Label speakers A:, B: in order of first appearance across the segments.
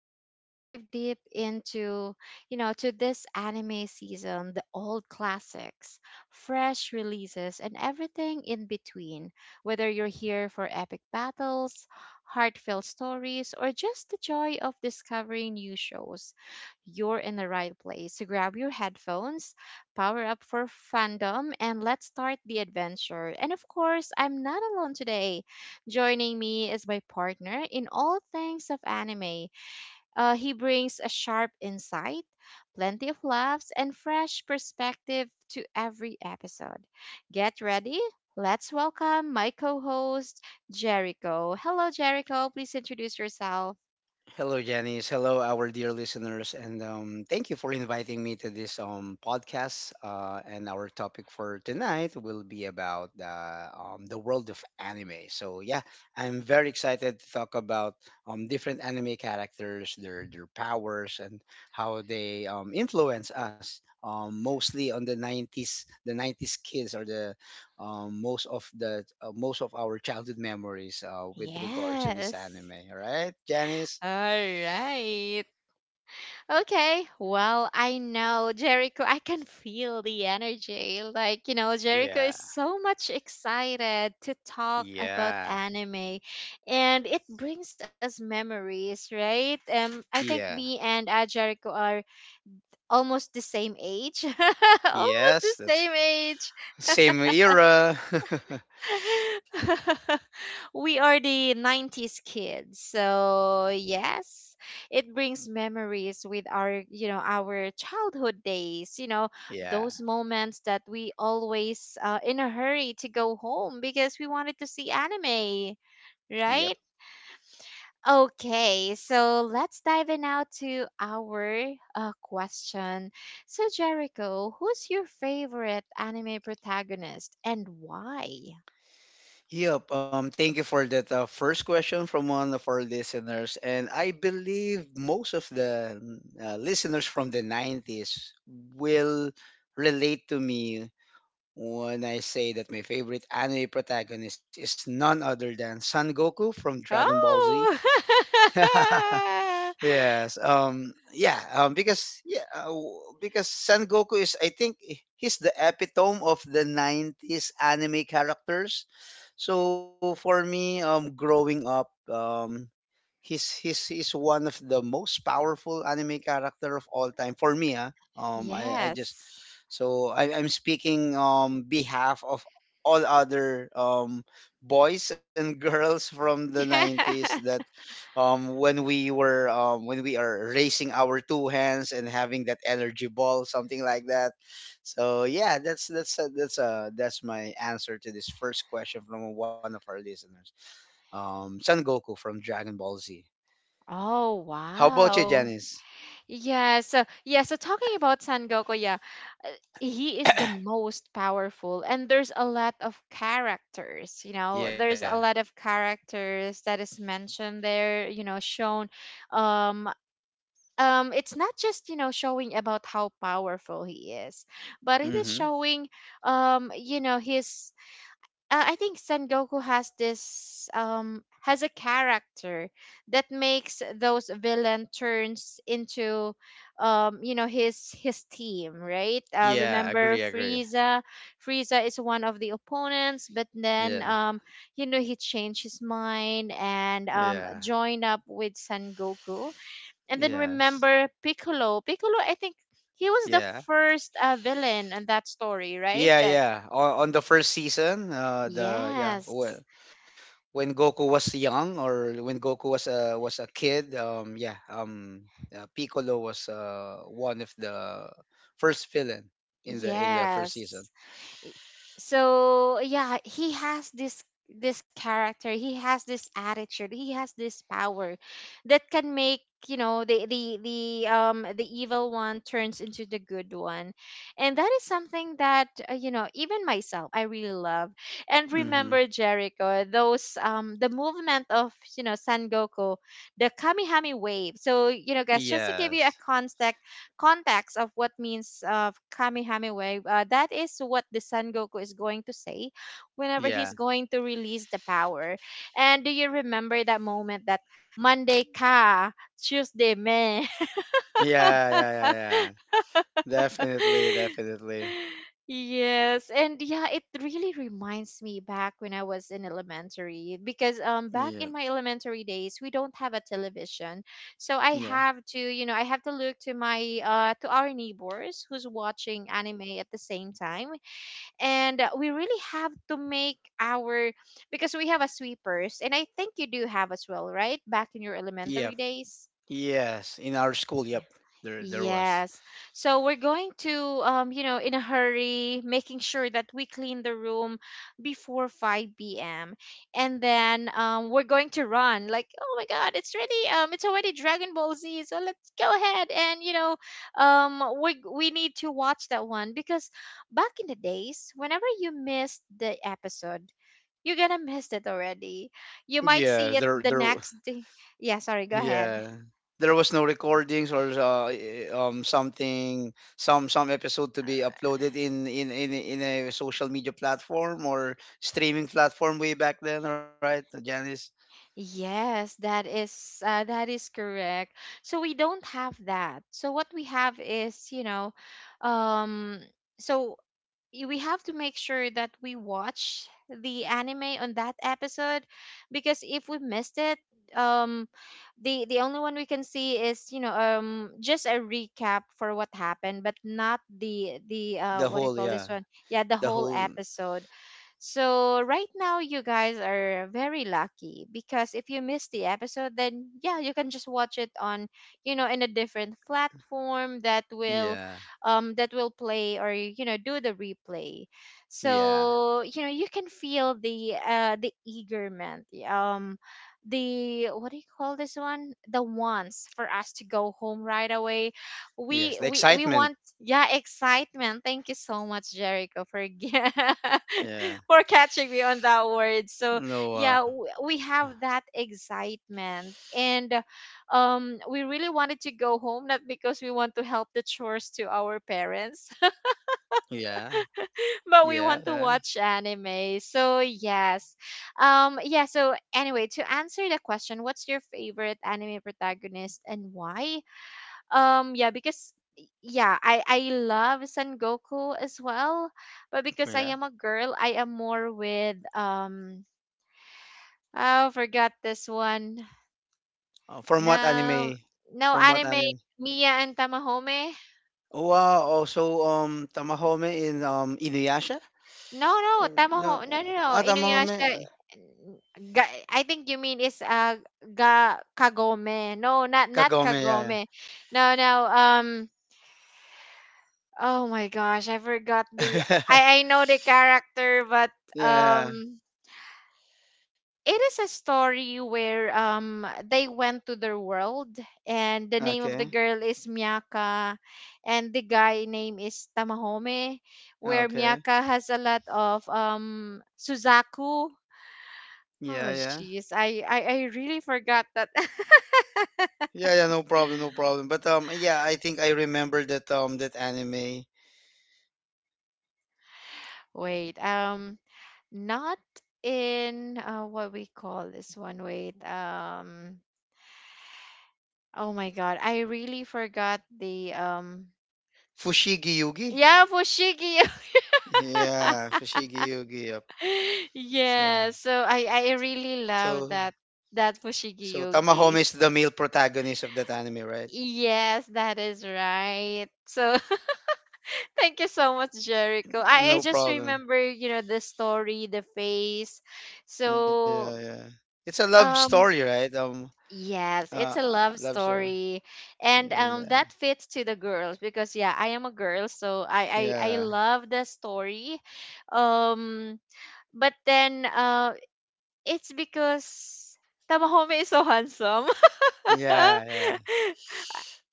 A: where we dive deep into, to this anime season, the old classics, fresh releases, and everything in between. Whether you're here for epic battles, heartfelt stories, or just the joy of discovering new shows, you're in the right place. So grab your headphones power up for fandom, and let's start the adventure. And of course, I'm not alone today. Joining me is my partner in all things of anime. He brings a sharp insight, plenty of laughs, and fresh perspective to every episode. Get ready. Let's welcome my co host, Jericho. Hello, Jericho. Please introduce yourself.
B: Hello, Janice. Hello, our dear listeners, and thank you for inviting me to this podcast. And our topic for tonight will be about the world of anime. So yeah, I'm very excited to talk about different anime characters, their powers, and how they influence us. Mostly on the '90s, the '90s kids are the most of the most of our childhood memories with regards to this anime.
A: Yes.
B: All right, Janice?
A: All right. Okay, well, I know Jericho. I can feel the energy. Like, you know, Jericho is
B: Yeah.
A: so much excited to talk about
B: Yeah.
A: anime and it brings us memories, right? I think
B: Yeah.
A: me and Jericho are almost the same age. Almost the
B: Yes, that's
A: same age.
B: same era.
A: We are the '90s kids. So, yes, it brings memories with our, you know, our childhood days, you know,
B: Yeah.
A: those moments that we always in a hurry to go home because we wanted to see anime,
B: Yep.
A: right? Okay, so let's dive in now to our question. So, Jericho, who's your favorite anime protagonist and why?
B: Yep. Thank you for that first question from one of our listeners. And I believe most of the listeners from the '90s will relate to me when I say that my favorite anime protagonist is none other than Son Goku from Dragon Ball Z.
A: Oh.
B: Yes. Because Son Goku is, I think, he's the epitome of the '90s anime characters. So for me, growing up, he's one of the most powerful anime character of all time for me. Ah. I just
A: Yes.
B: so I, I'm speaking on behalf of all other boys and girls from the '90s that when we were when we are raising our two hands and having that energy ball something like that. So yeah, that's my answer to this first question from one of our listeners, Son Goku from Dragon Ball Z.
A: Oh,
B: How about you,
A: wow.
B: Janice?
A: So talking about Son Goku, yeah, uh, he is the most powerful, and there's a lot of characters, you know,
B: Yeah.
A: there's a lot of characters that is mentioned there, you know, shown. Um, it's not just, you know, showing about how powerful he is, but it is
B: Mm-hmm.
A: showing, you know, his I think Son Goku has this has a character that makes those villain turns into you know his team, right?
B: Yeah,
A: Remember
B: agree, agree.
A: Frieza. Frieza is one of the opponents, but then
B: Yeah.
A: you know he changed his mind and
B: Yeah.
A: joined up with Son Goku. And then
B: Yes.
A: remember Piccolo. Piccolo, I think he was the
B: Yeah.
A: first villain in that story, right?
B: Yeah,
A: That
B: yeah. On the first season,
A: yes.
B: when Goku was young or when Goku was a kid, Piccolo was one of the first villain in the first
A: Yes.
B: season.
A: So yeah, he has this this character, he has this attitude, he has this power that can make, you know, the evil one turns into the good one. And that is something that you know, even myself I really love. And
B: Mm-hmm.
A: remember Jericho, those the movement of, you know, Sangoku, the Kamihami wave. So, you know, guys, just to give you a
B: Yes.
A: context of what means of Kamihame Wave, that is what the Son Goku is going to say whenever he's
B: Yeah.
A: going to release the power. And do you remember that moment that Monday ka, Tuesday me?
B: Yeah, yeah, yeah, yeah. Definitely, definitely.
A: Yes, and yeah, it really reminds me back when I was in elementary because
B: Yeah,
A: back in my elementary days we don't have a television. So I
B: yeah,
A: have to, you know, I have to look to my to our neighbors who's watching anime at the same time. And we really have to make our because we have a sweepers and I think you do have as well, right? Back in your
B: yeah.
A: elementary days.
B: Yes, in our school, yep. There was.
A: Yes. So we're going to, you know, in a hurry, making sure that we clean the room before 5 p.m. And then we're going to run. Like, oh my God, it's ready. It's already Dragon Ball Z. So let's go ahead and, you know, we need to watch that one because back in the days, whenever you missed the episode, you're gonna miss it already. You
B: Yeah,
A: might
B: there,
A: see it
B: there,
A: the next day. Yeah, sorry, go
B: Yeah.
A: ahead.
B: There was no recordings or something some episode to be uploaded in in in a social media platform or streaming platform way back then, right, Janice?
A: Yes, that is correct. So we don't have that. So what we have is, you know, um, so we have to make sure that we watch the anime on that episode because if we missed it um the only one we can see is you know just a recap for what happened but not the the
B: The
A: what do you
B: whole,
A: call
B: yeah,
A: this one, yeah, the
B: the
A: whole
B: whole.
A: episode. So right now you guys are very lucky because if you miss the episode then yeah you can just watch it on you know in a different platform
B: Yeah,
A: that will play or you know do the replay.
B: yeah,
A: So you know you can feel the eagerness the what do you call this one the wants for us to go home right away
B: yes,
A: we
B: the
A: we we
B: excitement,
A: want yeah excitement. Thank you so much, Jericho, for again
B: yeah,
A: for catching me on that word. So
B: no,
A: yeah, we have that excitement, and we really wanted to go home, not because we want to help the chores to our parents,
B: yeah, yeah,
A: but we
B: yeah,
A: want to watch anime. So yes, yeah. So anyway, to answer the question, what's your favorite anime protagonist and why? Yeah, because. Yeah, I love Son Goku as well, but because I
B: yeah.
A: am a girl, I am more with um. Oh, forgot this one.
B: From what
A: No,
B: anime?
A: no
B: From what
A: anime.
B: anime?
A: Mia and Tamahome.
B: Oh, wow, also Tamahome in Inuyasha?
A: No, no,
B: Or no,
A: Tamaho. No, no, no.
B: ah, tama kami.
A: Inuyasha. Ga, I think you mean is ga Kagome. No, not not
B: Kagome, yeah, yeah.
A: Kagome. No, no. Oh my gosh, I forgot the. I I know the character, but
B: Yeah, yeah.
A: um. It is a story where they went to their world, and the name
B: Okay.
A: of the girl is Miyaka and the guy name is Tamahome, where
B: Okay.
A: Miyaka has a lot of Suzaku.
B: Yeah,
A: Oh
B: yeah.
A: jeez, I really forgot that.
B: Yeah, yeah, no problem, no problem. But yeah, I think I remember that that anime
A: Wait, um, not in what we call this one, wait um, oh my god I really forgot the
B: Fushigi Yugi.
A: yeah Fushigi.
B: Yeah, Fushigi Yugi. Yep.
A: Yeah,
B: So
A: so I really
B: so
A: love that that
B: so
A: Fushigi
B: Tamahome is the
A: Yogi.
B: male protagonist of that anime, right?
A: Yes, that is right. So thank you so much, Jericho. I
B: No
A: just remember,
B: problem.
A: you know, the story, the face. So
B: Yeah, yeah. It's a love
A: um
B: story, right?
A: yes, it's a love
B: Love story.
A: story. And that fits to the girls because yeah, I am a girl, so I
B: Yeah.
A: love the story. Um but then it's because Tamahome is so handsome.
B: Yeah, yeah,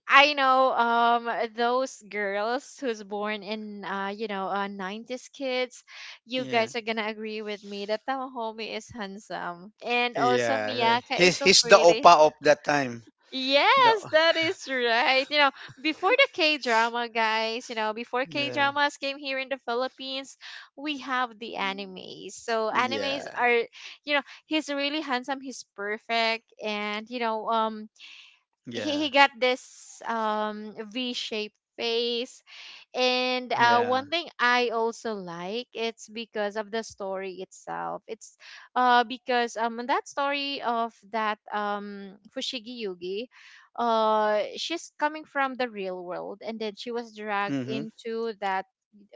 A: I know those girls who's born in you know '90s kids, you guys are
B: yeah,
A: going to agree with me that Tamahome is handsome and also
B: yeah.
A: Miyaka is so
B: He's the
A: pretty.
B: opa of that time.
A: Yes,
B: The
A: that is right. You know, before the K drama, guys, you know, before K
B: yeah,
A: dramas came here in the Philippines, we have the animes. So animes are,
B: yeah,
A: you know, he's really handsome, he's perfect, and you know,
B: yeah,
A: he got this V shaped face, and
B: yeah.
A: one thing I also like it's because of the story itself. It's because in that story of that Fushigi Yugi, she's coming from the real world and then she was
B: Mhm.
A: dragged into that,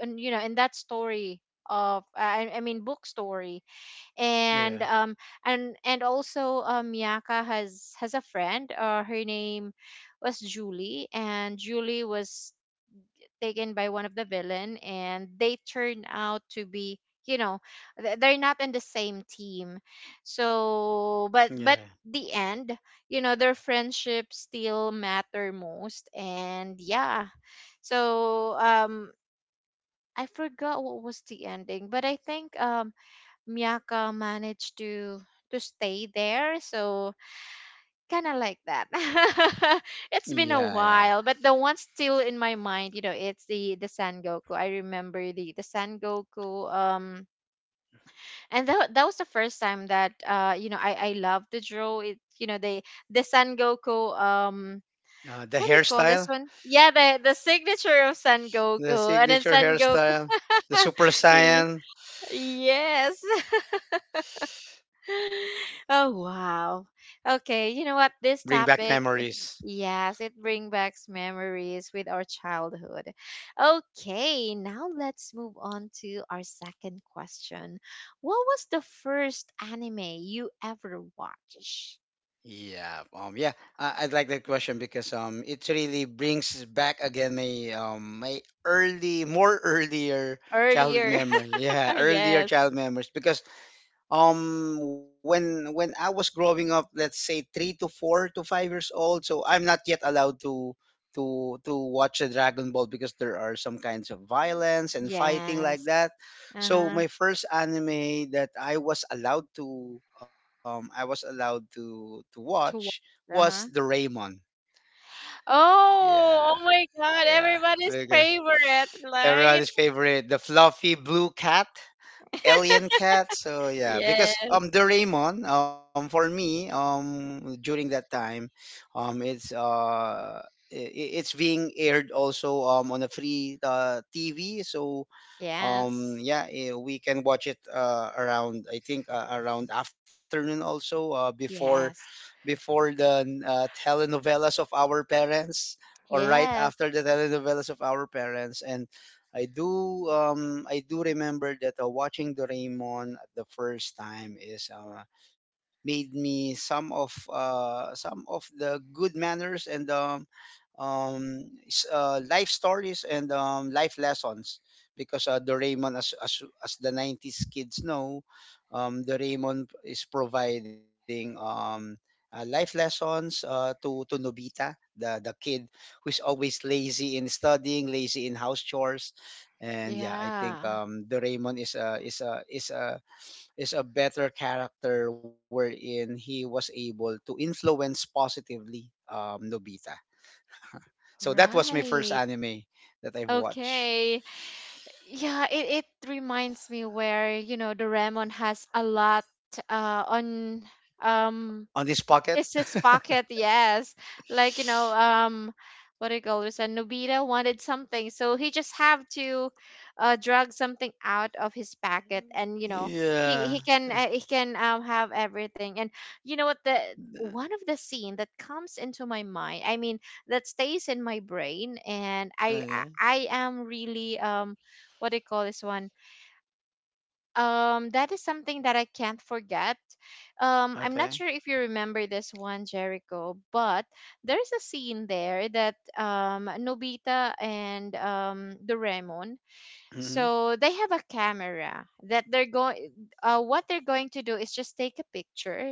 A: and, you know, in that story of I mean book story
B: Yeah,
A: and um. And also Miyaka has a friend, uh, her name was Julie, and Julie was taken by one of the villain and they turn out to be, you know, they're not in the same team,
B: yeah,
A: so but the end, you know, their friendship still matter most and yeah. So I forgot what was the ending but I think Miyaka managed to stay there, so kind of like that.
B: yeah,
A: It's
B: yeah.
A: been a while, but the one still in my mind, you know, it's the San Goku. I remember the San Goku. And that that was the first time that you know, I love to draw it. You know, they the San Goku.
B: The
A: What do you call
B: hairstyle,
A: this one? Yeah, the signature of San
B: the
A: Goku, and then
B: signature
A: San Goku.
B: hairstyle, the super saiyan,
A: Yes. Oh wow. Okay, you know what?
B: bring
A: This
B: back
A: topic,
B: memories.
A: yes, it brings back memories with our childhood. Okay, now let's move on to our second question. What was the first anime you ever watched?
B: Yeah, yeah, I'd like that question because it really brings back again my my early, more earlier childhood
A: Earlier.
B: memory. Yeah, earlier
A: Yes.
B: child memories because when I was growing up let's say 3 to 4 to 5 years old so I'm not yet allowed to to watch the dragon ball because there are some kinds of violence and fighting like
A: Yes.
B: that. So
A: Uh-huh.
B: my first anime that I was allowed to to watch
A: To watch.
B: was the
A: Uh-huh.
B: raymon. Yeah,
A: Oh, oh my God,
B: yeah,
A: everybody's
B: because
A: favorite, right?
B: everybody's favorite the fluffy blue cat Alien Cat. So yeah, because
A: Yes.
B: Doraemon for me during that time um it's uh it's being aired also on a free TV. So
A: Yes.
B: yeah, we can watch it around I think around afternoon also before
A: Yes.
B: before the telenovelas of our parents or right
A: Yes.
B: after the telenovelas of our parents. I do remember that watching Doraemon at the first time is made me some of the good manners and life stories and life lessons because Doraemon, as the '90s kids know, Doraemon is providing life lessons to Nobita, the kid who's always lazy in studying, lazy in house chores, and yeah, I think
A: Yeah,
B: Doraemon is a is a better character wherein he was able to influence positively Nobita. So that was my first
A: right.
B: anime that I've watched.
A: Okay. Yeah, it reminds me where, you know, the Doraemon has a lot on
B: On
A: um.
B: this pocket?
A: It's his pocket, yes. Like, you know, what do you call this? And Nobita wanted something, so he just have to drag something out of his pocket, and you know, he
B: Yeah.
A: he can he can have everything. And you know what? The one of the scene that comes into my mind, I mean, that stays in my brain, and I
B: Okay.
A: I, I am really what do you call this one? That is something that I can't forget.
B: Okay.
A: I'm not sure if you remember this one, Jericho, but there's a scene there that Nobita and Doraemon,
B: Hmm.
A: so they have a camera that they're going, what they're going to do is just take a picture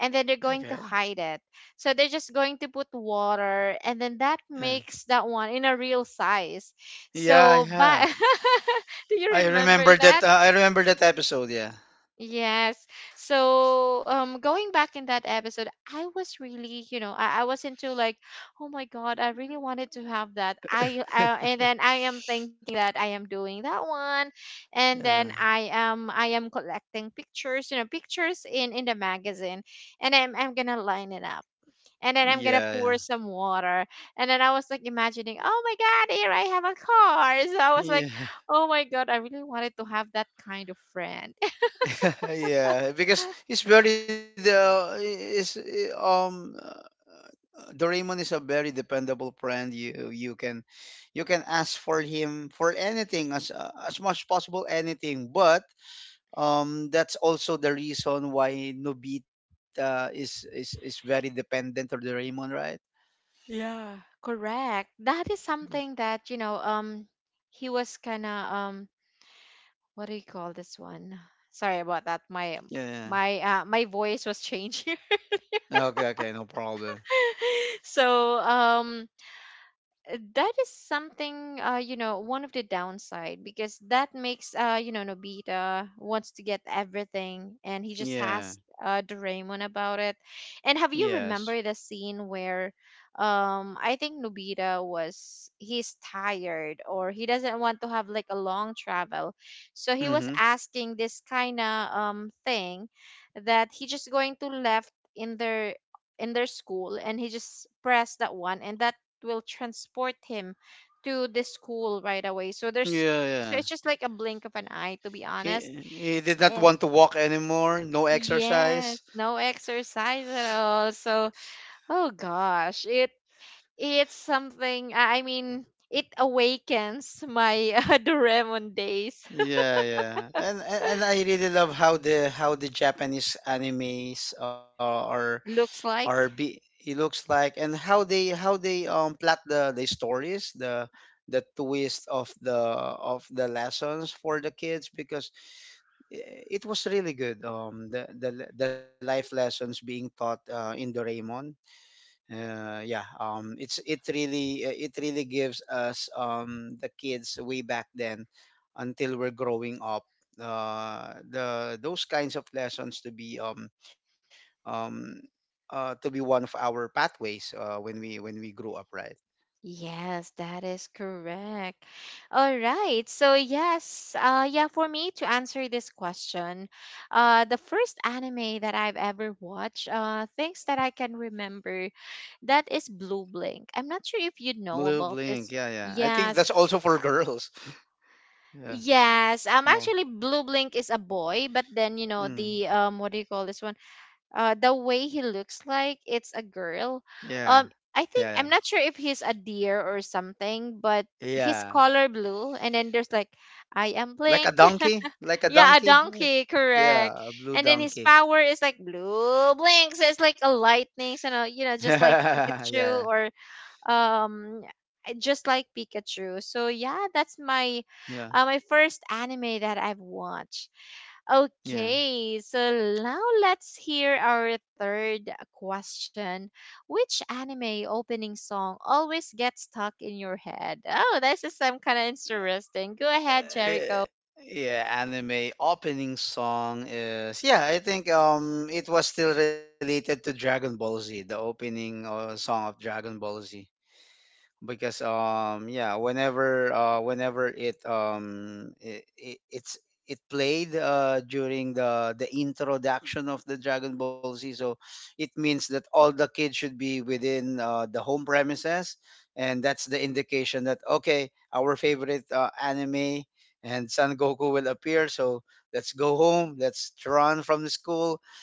A: and then they're
B: Okay.
A: going to hide it, so they're just going to put water and then that
B: Yeah.
A: makes that one in a real size.
B: Yeah.
A: So
B: Yeah.
A: but do you
B: I
A: remember
B: remember that.
A: that?
B: I remember that episode. Yeah.
A: Yes. So, going back in that episode, I was really, you know, I was into like, oh my God, I really wanted to have that. And then I am thinking that I am doing that one, and
B: Yeah.
A: then I am collecting pictures, you know, pictures in the magazine, and I'm gonna line it up, and then I'm gonna
B: Yeah.
A: pour some water, and then I was like imagining, oh my God, here I have a car. So I was
B: Yeah.
A: like,
B: Yeah.
A: oh my God, I really wanted to have that kind of friend.
B: Yeah. Because it's very the is um. uh, Doraemon is a very dependable friend. You can you can ask for him for anything as much as possible anything, but that's also the reason why Nobita is very dependent on Doraemon, right?
A: Yeah. Correct. That is
B: Yeah.
A: something that, you know, he was kind of what do you call this one? Sorry about that.
B: Yeah.
A: My voice was changing.
B: Okay, okay, no problem.
A: So, that is something, you know, one of the downside, because that makes, you know, Nobita wants to get everything and he just
B: Yeah.
A: asked, Doraemon about it. And have you
B: Yes.
A: remember the scene where I think Nobita was, he's tired or he doesn't want to have like a long travel. So he was
B: Mhm.
A: asking this kind of thing that he just going to left in their school, and he just pressed that one and that will transport him to the school right away. So there's,
B: Yeah,
A: so
B: yeah.
A: it's just like a blink of an eye, to be
B: He
A: honest.
B: he did not
A: And
B: want to walk anymore, no
A: yes,
B: exercise.
A: no exercise at all. So oh gosh, it, it's something. I mean it awakens my Doraemon days.
B: Yeah, yeah. And I really love how the Japanese animes are
A: Looks
B: or
A: like.
B: be he looks like and how they plot the stories the twist of the lessons for the kids because it was really good the life lessons being taught in Doraemon. Yeah it's it really gives us the kids way back then until we're growing up the those kinds of lessons um, to be one of our pathways when we grew up, right?
A: Yes, that is correct. All right. So yes, yeah, for me to answer this question, the first anime that I've ever watched, things that I can remember, that is Blue Blink. I'm not sure if you know
B: Blue
A: about
B: blink,
A: this.
B: yeah, yeah. I think
A: Yes.
B: that's also for girls. Yeah,
A: Yes.
B: mo.
A: Actually, Blue Blink is a boy, but then you know
B: Mm,
A: the what do you call this one? The way he looks like, it's a
B: yeah,
A: girl. um
B: yeah, yeah,
A: I think I'm not sure if he's a deer or something, but
B: yeah.
A: his color blue, and then there's like I am
B: Like a
A: Blink.
B: donkey, like a
A: Yeah, a
B: donkey, right?
A: donkey, correct.
B: Yeah, a
A: And
B: blue
A: then his
B: donkey.
A: power is like blue blinks, so it's like a lightning, so, no,
B: Yeah,
A: you know,
B: yeah,
A: just like Pikachu, or um just like Pikachu. So yeah, that's
B: yeah.
A: my my first anime that I've watched.
B: Yeah.
A: Okay, so now let's hear our third question. Which anime opening song always gets stuck in your head? Oh, this is some kind of interesting. Go ahead,
B: Uh,
A: Jericho.
B: yeah, anime opening song is yeah. I think it was still related to Dragon Ball Z, the opening song of Dragon Ball Z because yeah whenever it's it played during the introduction of the Dragon Ball Z. So it means that all the kids should be within the home premises and that's the indication that okay our favorite anime and Son Goku will appear. So let's go home, let's run from the school,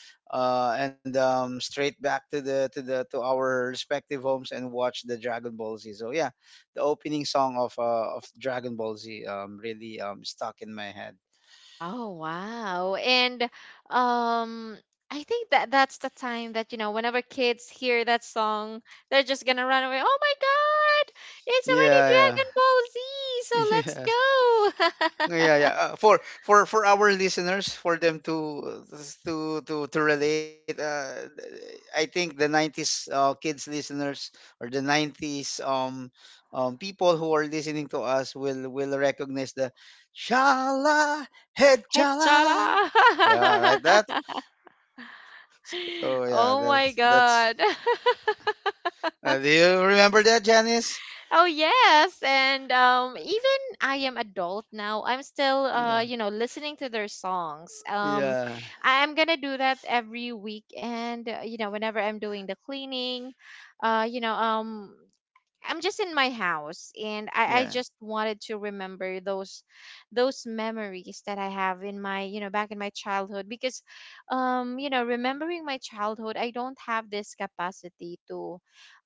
B: and straight back to the to our respective homes and watch the Dragon Ball Z. So yeah, the opening song of Dragon Ball Z really stuck in my head.
A: Oh wow. And um I think that that's the time that, you know, whenever kids hear that song, they're just going to run away. Oh my God. It's already
B: Yeah,
A: Dragon Ball Z.
B: yeah, yeah.
A: So let's go.
B: Yeah, yeah. For our listeners, for them to to relate, I think the '90s kids listeners or the '90s people who are listening to us will recognize the "Shala Head Chala." Yeah, right.
A: Head
B: That. So yeah,
A: oh
B: that's
A: my
B: that's.
A: God.
B: Do you remember that, Janice?
A: Oh yes, and even I am adult now, I'm still,
B: Yeah.
A: you know, listening to their songs.
B: Yeah.
A: I'm gonna do that every weekend. You know, whenever I'm doing the cleaning, uh, you know, um, I'm just in my house, and I
B: Yeah.
A: just wanted to remember those memories that I have in my, you know, back in my childhood, because you know, remembering my childhood, I don't have this capacity to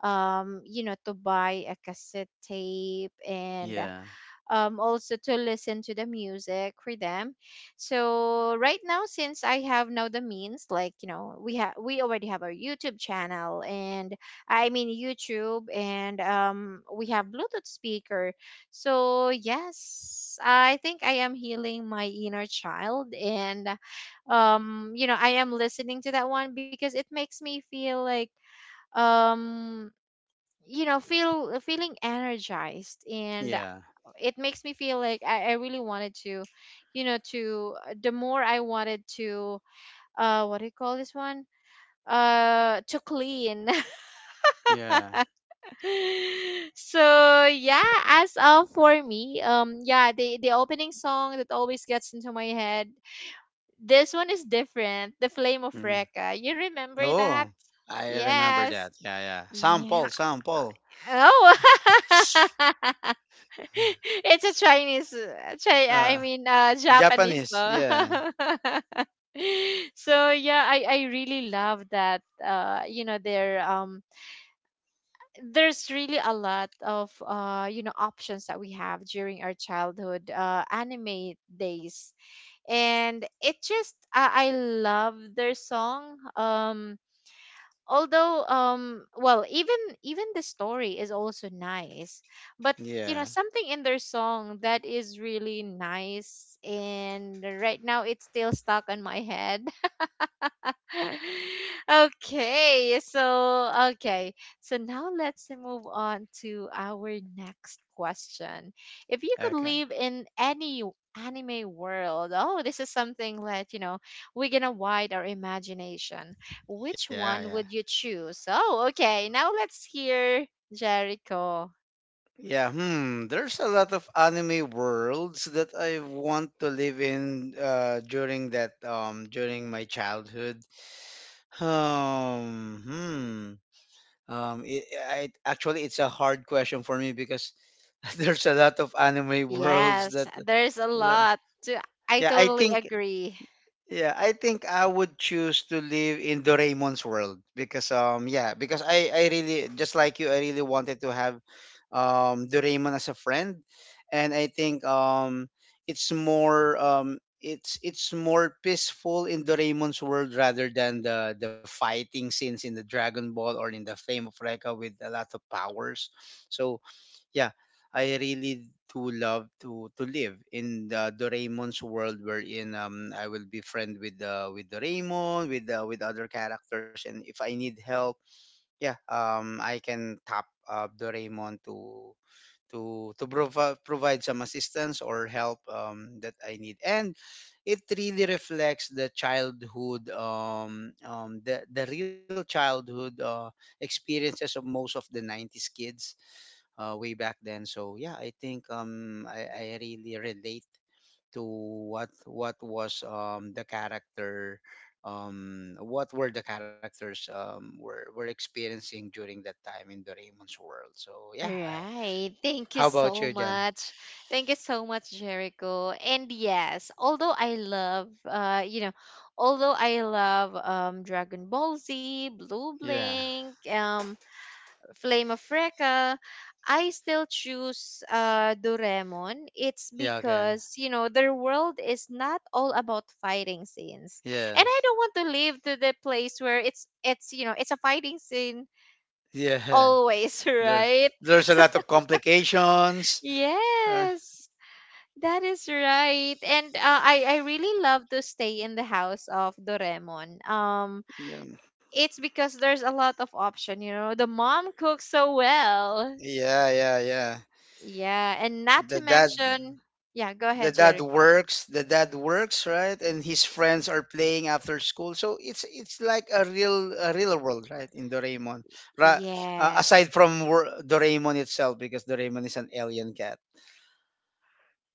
A: you know, to buy a cassette tape and
B: Yeah.
A: also to listen to the music for them. So right now, since I have now the means, like, you know, we already have our YouTube channel, and I mean YouTube, and we have Bluetooth speaker. So yes, I think I am healing my inner child, and you know, I am listening to that one because it makes me feel like um you know, feel feeling energized, and
B: Yeah.
A: it makes me feel like I really wanted to, you know, to the more I wanted to, what do you call this one? To clean. So yeah, as of for me, yeah, the opening song that always gets into my head, this one is different. The Flame of
B: Yeah.
A: Recca. You remember
B: Oh,
A: that?
B: I remember that.
A: Yes.
B: Yeah, yeah.
A: Yeah.
B: Sample, sample.
A: Oh. It's a Chinese,
B: Uh,
A: Japanese
B: Japanese.
A: song.
B: Yeah,
A: So yeah, I really love that. You know, there there's really a lot of, you know, options that we have during our childhood, anime days, and it just I love their song. Although well, even the story is also nice, but you
B: yeah.
A: know, something in their song that is really nice, and right now it's still stuck on my head. Okay, so okay. So now let's move on to our next question. If you could
B: Okay.
A: live in any anime world, oh, this is something that, you know, we're gonna wide our imagination. Which
B: Yeah, yeah.
A: one would you choose? Oh, okay. Now let's hear Jericho.
B: Yeah, hmm. There's a lot of anime worlds that I want to live in during my childhood. Um, hmm. I actually it's a hard question for me because there's a lot of anime worlds
A: Yes,
B: that.
A: there's a
B: uh,
A: lot to, I
B: Yeah, I
A: totally
B: think
A: agree.
B: Yeah, I think I would choose to live in Doraemon's world because yeah, because I really just like you I really wanted to have Doraemon as a friend and I think it's more peaceful in Doraemon's world rather than the fighting scenes in the Dragon Ball or in the Flame of Recca with a lot of powers. So yeah, I really do love to live in the Doraemon's world wherein I will be friend with Doraemon with other characters and if I need help yeah I can tap Doraemon to provide some assistance or help that I need and it really reflects the childhood the real childhood experiences of most of the '90s kids way back then. So yeah, I think I really relate to what was what were the characters were experiencing during that time in Doraemon's world. So yeah,
A: All
B: I,
A: right. Thank
B: how
A: you
B: about you,
A: so
B: Jen?
A: much. Thank you so much, Jericho. And yes, although I love, you know, although I love, Dragon Ball Z, Blue
B: Yeah,
A: Blink, Flame of Recca, I still choose, Doraemon. It's
B: yeah, okay,
A: because, you know, their world is not all about fighting scenes. And I don't
B: yes,
A: want to live to the place where it's you know, it's a fighting scene
B: yeah.
A: always,
B: There's
A: right?
B: there's a lot of complications. Uh,
A: Yes, that is right. And I really love to stay in the house of Doraemon.
B: yeah,
A: It's because there's a lot of option, you know. The mom cooks so well.
B: yeah, yeah, yeah.
A: Yeah, and not to
B: That that.
A: mention, yeah, go
B: the
A: ahead,
B: dad
A: Jericho.
B: works the dad works, right, and his friends are playing after school, so it's like a real world, right? In Doraemon, right?
A: Yes.
B: Aside from Doraemon itself, because Doraemon is an alien cat.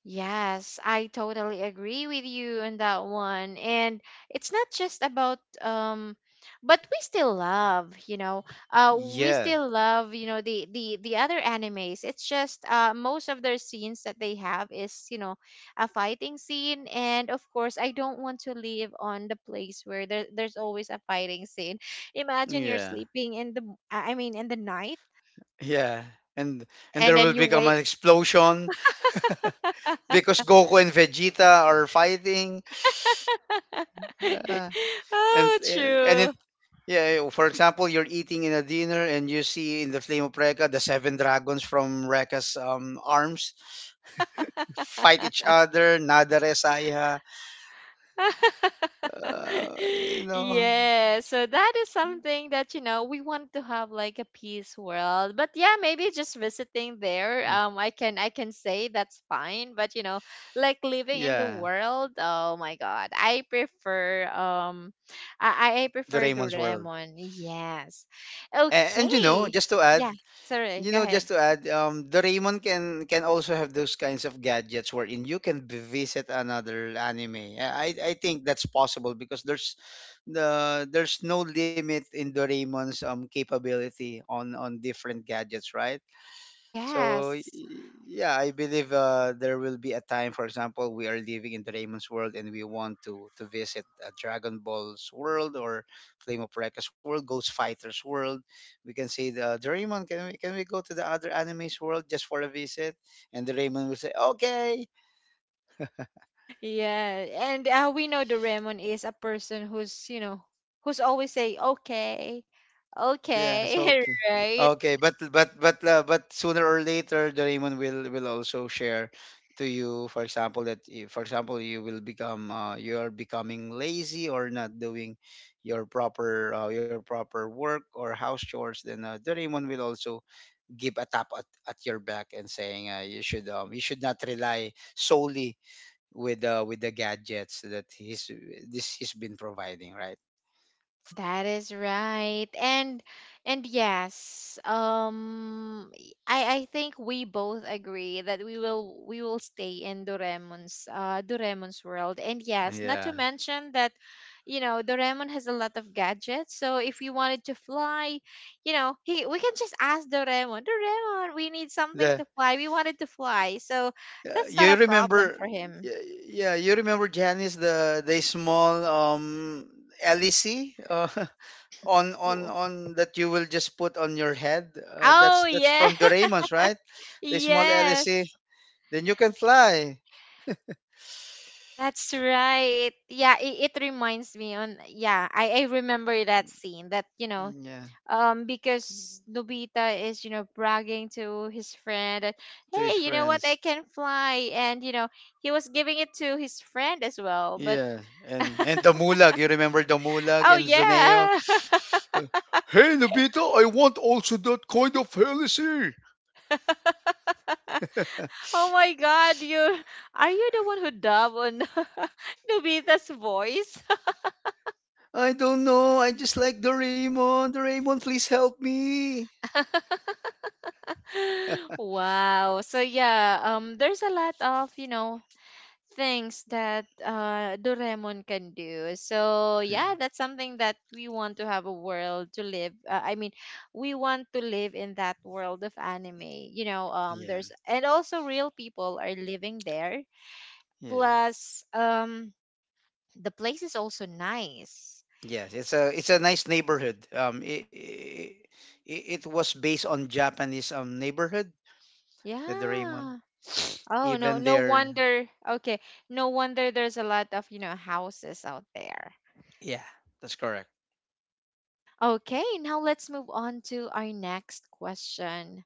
A: Yes, I totally agree with you on that one. And it's not just about but we still love, you know. We
B: Yeah,
A: still love, you know, the the other animes. It's just, most of their scenes that they have is, you know, a fighting scene, and of course I don't want to live on the place where there's always a fighting scene. Imagine you're
B: yeah,
A: sleeping in the I mean in the night,
B: yeah. And and
A: and
B: there
A: then
B: will
A: you
B: become
A: wake.
B: an explosion because Goku and Vegeta are fighting. and
A: Oh,
B: and
A: true.
B: it yeah, for example, you're eating in a dinner and you see in the flame of Rekka the seven dragons from Rekka's arms fight each other, Nadare Saya. You know,
A: Yeah, so that is something that, you know, we want to have like a peace world. But yeah, maybe
B: yeah,
A: just visiting there. I can, I can say that's fine. But you know, like
B: yeah,
A: living in the world. Oh my God, I prefer,
B: the
A: I
B: Raymond's
A: prefer
B: world.
A: Doraemon. Yes.
B: And you know, just to
A: Okay.
B: add.
A: Yeah.
B: You know,
A: Sorry.
B: just
A: Go
B: to
A: ahead.
B: add, the Raymond can also have those kinds of gadgets wherein you can visit another anime. I think that's possible because there's no limit in Doraemon's capability on different gadgets, right? So
A: Yes.
B: yeah, I believe there will be a time, for example, we are living in Doraemon's world and we want to visit Dragon Ball's world or Flame of Recca's world, Ghost Fighter's world. We can say, the, Doraemon, can we go to the other anime's world just for a visit? And Doraemon will say, okay.
A: Yeah, and we know the Doraemon is a person who's, you know, who's always say okay,
B: Yes, okay.
A: okay,
B: Okay,
A: right?
B: but but sooner or later the Raymond will also share to you, for example, that for example, you will become you are becoming lazy or not doing your proper work or house chores, then the Raymond will also give a tap at your back and saying, you should not rely solely with the gadgets that he's been providing, right?
A: That is right. And yes, I think we both agree that we will stay in Doraemon's, Doraemon's world. And yes, not
B: Yeah.
A: to mention that, you know, Doraemon has a lot of gadgets. So if we wanted to fly, you know, he we can just ask Doraemon, Doraemon, we need something
B: The
A: to fly. We wanted to fly. So
B: Yeah,
A: that's not
B: you
A: a
B: remember,
A: problem for him.
B: yeah, you remember, Janice, the small lec, uh, on on
A: Wo-
B: on that you will just put on your head,
A: Oh
B: that's
A: yeah.
B: from Doraemon's, right? The small lec,
A: Yes.
B: then you can fly.
A: That's right. Yeah, it reminds me on, yeah, I remember that scene that, you know,
B: Mm, yeah,
A: because Nobita is, you know, bragging to his friend that,
B: to his
A: hey, you know what,
B: friends.
A: I can fly, and you know, he was giving it to his friend as well. But
B: Yeah, and the mulag, you remember the mulag
A: oh
B: and Zoneo.
A: yeah.
B: Uh, hey, Nobita, I want also that kind of lec.
A: Oh my God, you, are you the one who dub on Nobita's voice?
B: I don't know. I just like Doraemon. Doraemon, please help me.
A: Wow. So yeah, there's a lot of, you know, things that, Doraemon can do. So
B: Yeah,
A: yeah, that's something that we want to have a world to live. I mean, we want to live in that world of anime. You know,
B: yeah,
A: there's, and also real people are living there.
B: yeah.
A: Plus, the place is also nice.
B: Yes, it's a nice neighborhood. It was based on Japanese neighborhood, the Doraemon.
A: Yeah. Oh no,
B: Even
A: no
B: there,
A: wonder. Okay, no wonder there's a lot of, you know, houses out there.
B: yeah, that's correct.
A: Okay, now let's move on to our next question.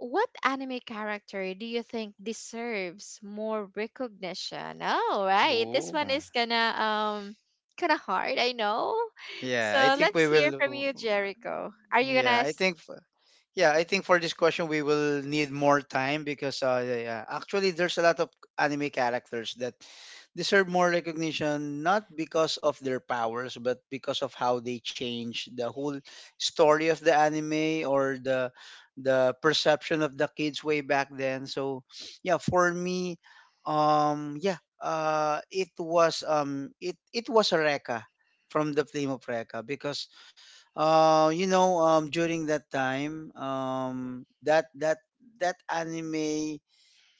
A: What anime character do you think deserves more recognition? Oh, right. This
B: Oh,
A: one is gonna kind of hard, I know.
B: yeah. I
A: So
B: think
A: let's
B: we
A: hear from
B: will.
A: you, Jericho. Are you
B: Yeah,
A: gonna
B: I
A: s-
B: think. Yeah, I think for this question we will need more time because yeah, yeah, actually there's a lot of anime characters that deserve more recognition, not because of their powers but because of how they change the whole story of the anime or the perception of the kids way back then. So yeah, for me, yeah, it was it was a Rekka from the Flame of Rekka, because you know, during that time, that anime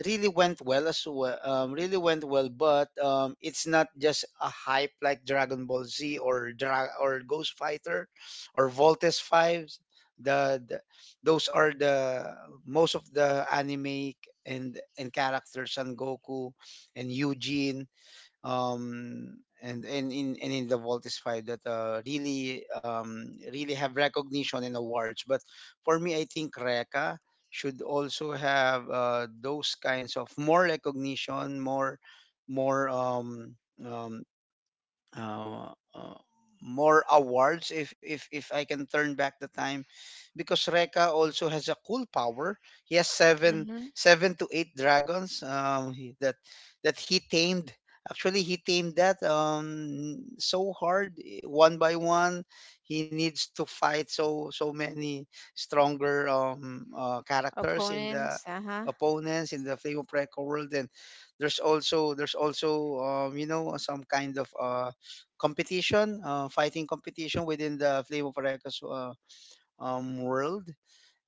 B: really went well as well. Really went well, but it's not just a hype like Dragon Ball Z or Ghost Fighter or Voltes Fives. The those are the most of the anime and characters, and Goku and Eugene, and in the Voltis Five, that really really have recognition and awards. But for me, I think Reka should also have those kinds of more recognition, more um, um, uh, uh, more awards, if I can turn back the time, because Reka also has a cool power. He has
A: Mhm.
B: seven to eight dragons, that that he tamed. Actually, he tamed that so hard, one by one. He needs to fight so many stronger characters in the
A: Opponents? Uh-huh.
B: opponents in the Flame of Reka world, and there's also you know, some kind of competition, fighting competition within the Flame of Areka's world.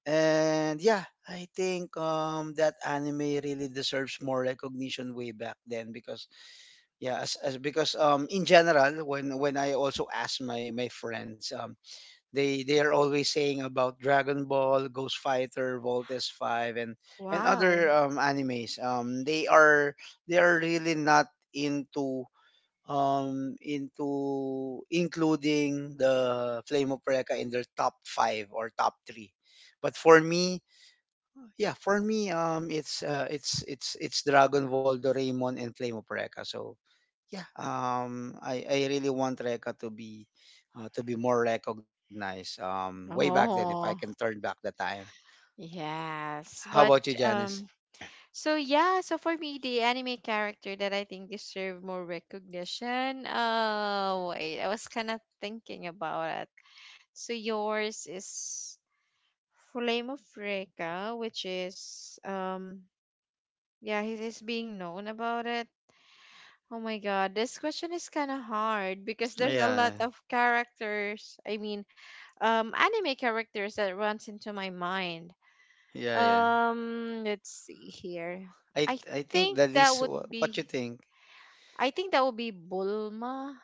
B: And yeah, I think that anime really deserves more recognition way back then, because yeah, as because in general, when I also ask my my friends, they are always saying about Dragon Ball, Ghost Fighter, Voltes Five, and other
A: Wow.
B: animes. They are really not into into including the Flame of Recca in their top five or top three. But for me, yeah, for me, it's Dragon Ball, Doraemon, and Flame of Recca. So yeah, I really want Recca to be more recognized. Way back then, if I can
A: Oh,
B: turn back the time.
A: yes.
B: How
A: But
B: about you, Janice?
A: um so yeah, so for me, the anime character that I think deserve more recognition. Oh wait, I was kind of thinking about it. So yours is Flame of Reka, which is yeah, he is being known about it. Oh my God, this question is kind of hard because there's a
B: Yeah,
A: lot of characters. I mean, anime characters that runs into my mind.
B: yeah, yeah, yeah.
A: Let's see here. I
B: I think the
A: think
B: least.
A: that would
B: What you
A: be
B: think?
A: I think that would be Bulma.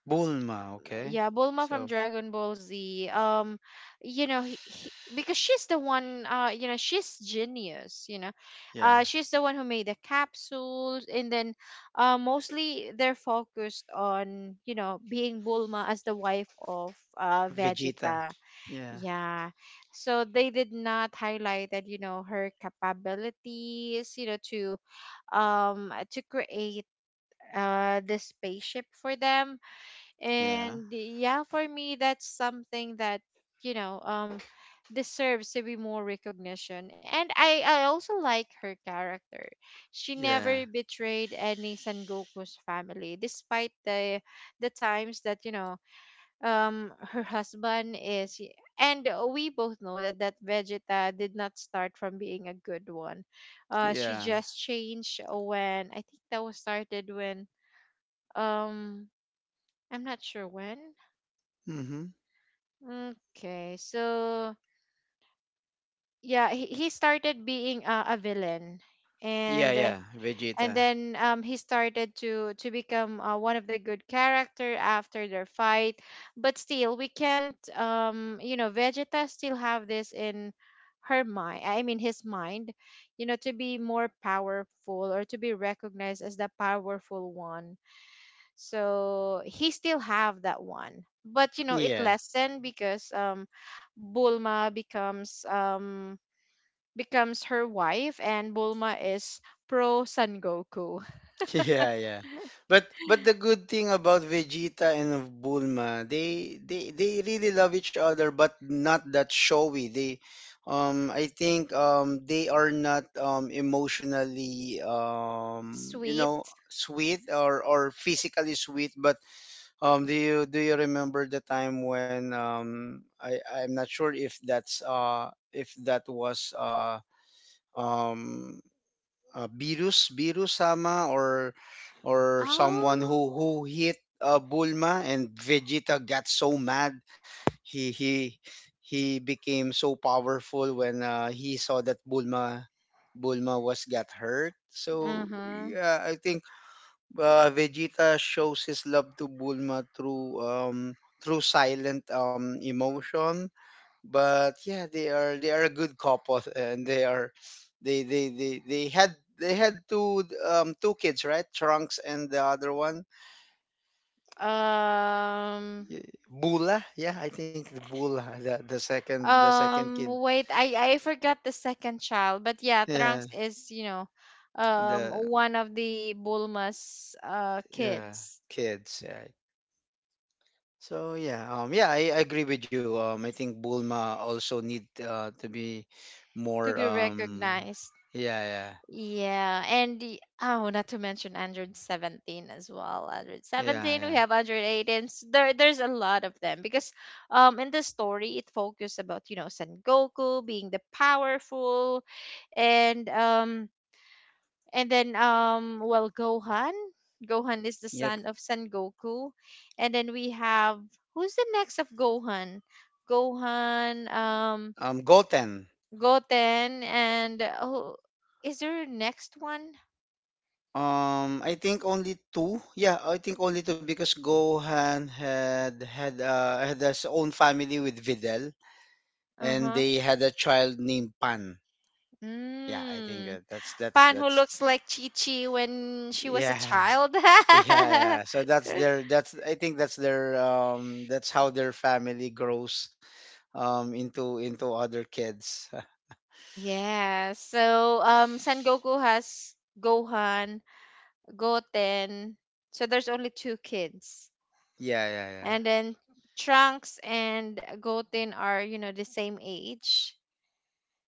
B: Bulma, okay.
A: Yeah, Bulma
B: So
A: from Dragon Ball Z. You know, because she's the one. You know, she's genius.
B: yeah.
A: She's the one who made the capsules, and then, mostly they're focused on being Bulma as the wife of
B: Vegeta.
A: Vegeta.
B: Yeah.
A: Yeah, so they did not highlight that you know her capabilities, to create the spaceship for them.
B: Yeah.
A: And yeah, for me that's something that you know um deserves to be more recognition. And I also like her character. She
B: Yeah.
A: never betrayed any Sangoku's family despite the times that her husband is. And we both know that Vegeta did not start from being a good one. She
B: Yeah.
A: just changed when, I think that was started when, um I'm not sure when.
B: Mm-hmm.
A: Okay, so yeah, he started being a villain.
B: Yeah,
A: and uh,
B: yeah.
A: and
B: Vegeta.
A: then he started to become one of the good character after their fight. But still we can't, Vegeta still have this in her mind, I mean his mind, you know, to be more powerful or to be recognized as the powerful one. So he still have that one. But you know, it
B: Yeah.
A: lessened because Bulma becomes becomes her wife, and Bulma is pro Sangoku.
B: Yeah, yeah. But the good thing about Vegeta and of Bulma, they really love each other, but not that showy. They I think they are not emotionally, you know,
A: Sweet.
B: sweet or physically sweet, but do you remember the time when I'm not sure if that's if that was um Beerus, sama, or someone
A: Oh.
B: who hit Bulma, and Vegeta got so mad. he he he became so powerful when he saw that Bulma was got hurt. So
A: Uh-huh.
B: yeah, I think Vegeta shows his love to Bulma through through silent emotion. But yeah, they are a good couple, and they are they had two two kids, right? Trunks and the other one,
A: Um
B: Y- Bula. Yeah, I think the Bula, the second
A: um
B: kid.
A: Wait, I forgot the second child, but yeah,
B: Yeah,
A: Trunks is, you know,
B: the
A: one of the Bulma's
B: yeah
A: kids
B: kids. Yeah. So yeah, yeah, I agree with you. I think Bulma also need to be
A: to
B: more.
A: be recognized.
B: Yeah, yeah,
A: Yeah, and not to mention 117 as well. 117,
B: yeah,
A: we
B: yeah.
A: have 118. There, there's a lot of them because, in the story, it focused about you know Son Goku being the powerful, and um, and then Gohan, Gohan is the
B: Yep.
A: son of Son Goku, and then we have, who's the next of Gohan, Gohan, um,
B: Goten.
A: Goten, and oh, is there a next one?
B: I think only two. Yeah, I think only two because Gohan had his own family with Videl,
A: Uh
B: and
A: huh.
B: they had a child named Pan. Yeah, I think
A: Mm, Pan, who
B: that's
A: looks like Chi-Chi when she was a
B: yeah.
A: child.
B: Yeah, yeah. So that's their that's I think that's their that's how their family grows into other kids.
A: Yeah, so Sengoku has Gohan, Goten. So there's only two kids.
B: Yeah, yeah, yeah.
A: And then Trunks and Goten are, you know, the same age.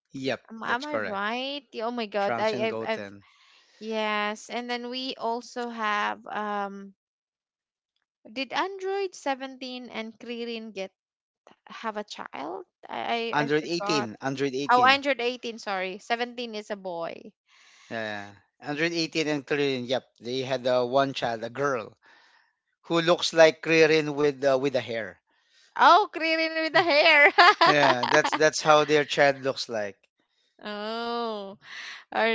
B: Yep,
A: Am,
B: that's
A: am I
B: correct.
A: right? Yeah. Oh my god.
B: Trunks
A: I
B: and
A: I've, I've
B: Goten.
A: yes, and then we also have did Android 17 and Krillin get have a child? I
B: 118,
A: forgot. Oh,
B: 118.
A: 118, sorry. 17 is a boy.
B: Yeah. 118 and Krillin, yep. They had one child, a girl, who looks like Krillin with a hair.
A: Oh, Krillin with the hair.
B: Yeah, that's how their child looks like.
A: Oh, all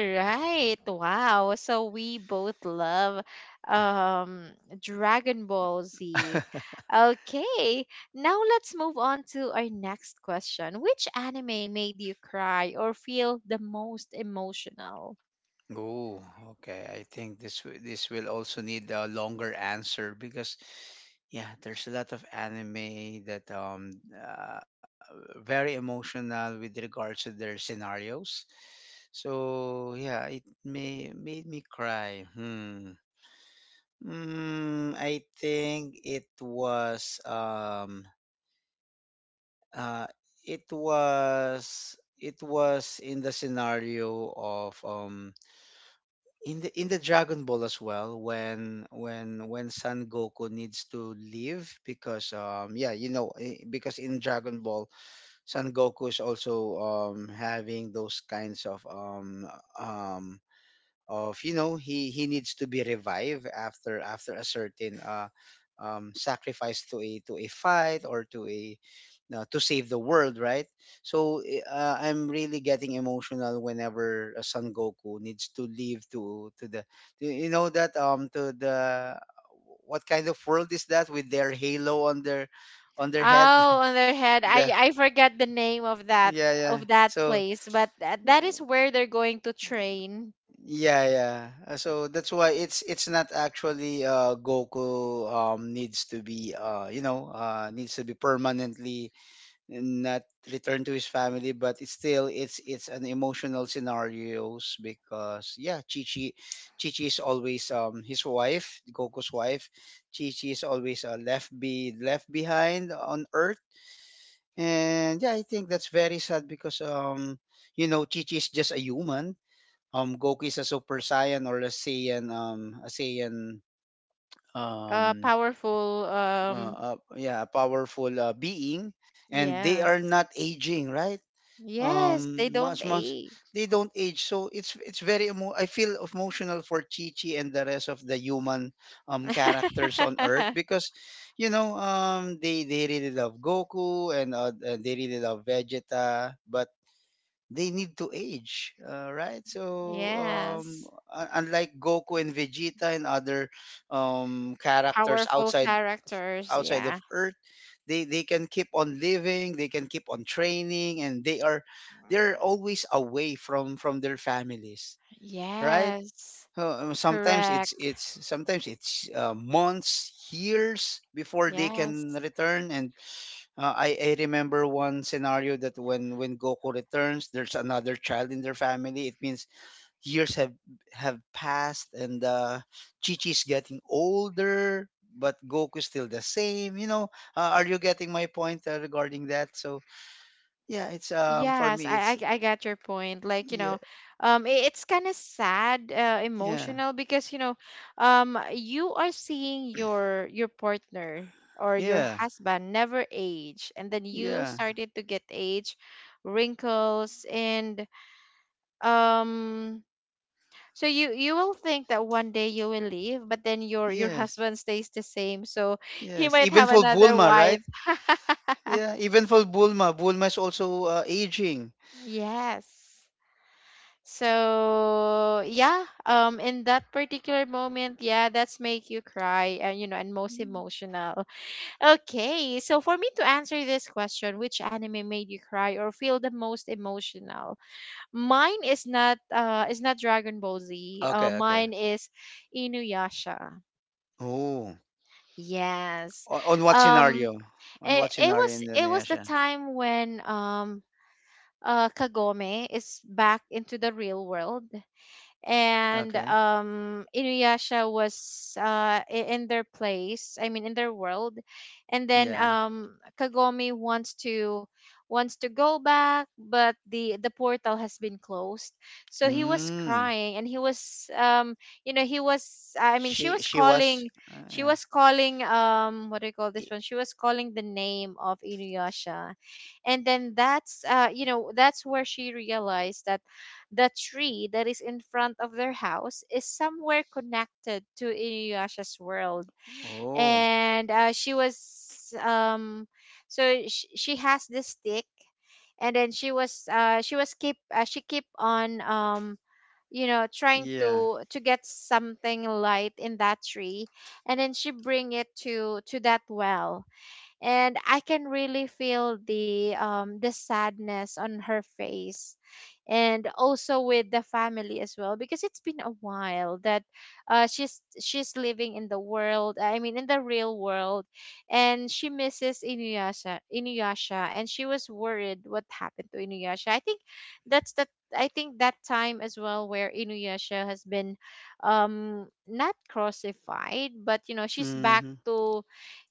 A: right. Wow. So we both love um Dragon Ball Z. Okay, now let's move on to our next question. Which anime made you cry or feel the most emotional?
B: Oh, okay. I think this this will also need a longer answer because yeah, there's a lot of anime that very emotional with regards to their scenarios. So yeah, it may made me cry. Hmm. Mm, I think it was uh it was it was in the scenario of in the Dragon Ball as well when when Son Goku needs to leave, because yeah, you know, because in Dragon Ball Son Goku is also having those kinds of um of, you know, he needs to be revived after after a certain sacrifice to a fight, or to a to save the world, right? So I'm really getting emotional whenever Son Goku needs to leave to the to, you know, that to the, what kind of world is that with their halo on their head?
A: Oh, on their head.
B: the
A: I forgot the name
B: yeah, yeah,
A: of that
B: so.
A: place, but that is where they're going to train.
B: Yeah, yeah. So that's why it's not actually Goku needs to be you know, needs to be permanently not returned to his family, but it's still it's an emotional scenarios, because yeah, Chi-Chi is always his wife, Goku's wife. Chi-Chi is always left behind on Earth. And yeah, I think that's very sad, because you know, Chi-Chi is just a human, Goku is a super saiyan or a saiyan, um
A: Powerful, um,
B: yeah, a powerful being, and they
A: yes.
B: are not aging, right?
A: Yes, they don't
B: Much much
A: age.
B: they don't age, so it's very I feel emotional for Chi Chi and the rest of the human characters on Earth, because you know, they really love Goku and they really love Vegeta, but they need to age, right? So
A: Yes.
B: unlike Goku and Vegeta and other characters
A: Powerful
B: outside
A: characters,
B: outside of
A: yeah.
B: Earth, they can keep on living, they can keep on training, and they're always away from their families, right?
A: Yes.
B: Sometimes
A: Correct.
B: it's sometimes it's months, years before they can
A: Yes.
B: return, and I remember one scenario that when Goku returns, there's another child in their family. It means years have passed, and Chi-Chi's getting older, but Goku's still the same. You know, are you getting my point regarding that? So yeah, it's for
A: Yes,
B: me,
A: I,
B: it's
A: I I get your point. Like, you
B: yeah,
A: know, I- it's kind of sad,
B: yeah,
A: emotional because, you know, you are seeing your partner or your
B: yeah,
A: husband never age, and then you
B: yeah,
A: started to get age, wrinkles, and um, so you will think that one day you will leave, but then your
B: yes,
A: husband stays the same, so he
B: yes.
A: might
B: Even
A: have
B: for
A: another
B: Bulma, right?
A: wife.
B: Yeah, even for Bulma, Bulma is also aging.
A: Yes. So yeah, in that particular moment, yeah, that's make you cry and you know, and most emotional. Okay, so for me to answer this question, which anime made you cry or feel the most emotional? Mine is not, is not Dragon Ball Z.
B: Okay, okay.
A: Mine is Inuyasha.
B: Oh.
A: Yes.
B: O- On what
A: Um,
B: scenario? On what
A: it
B: scenario
A: was,
B: in
A: it was the
B: Indonesia?
A: time when Kagome is back into the real world,
B: Okay.
A: and Inuyasha was in their place, I mean in their world, and
B: Yeah.
A: then Kagome wants to, wants to go back, but the portal has been closed. So he was
B: Mm.
A: crying and he was, he was, I mean she was
B: She was.
A: calling, she was calling, um, what do you call this
B: I-
A: one, she was calling the name of Inuyasha, and then that's, that's where she realized that the tree that is in front of their house is somewhere connected to Inuyasha's world.
B: oh.
A: And she was, so she has this stick, and then she keep on, trying
B: Yeah.
A: to get something light in that tree, and then she bring it to that well. And I can really feel the sadness on her face, and also with the family as well, because it's been a while that, she's living in the world, I mean in the real world, and she misses Inuyasha, and she was worried what happened to Inuyasha. I think that's the, I think that time as well where Inuyasha has been, not crucified, but you know, she's back
B: Mm-hmm.
A: to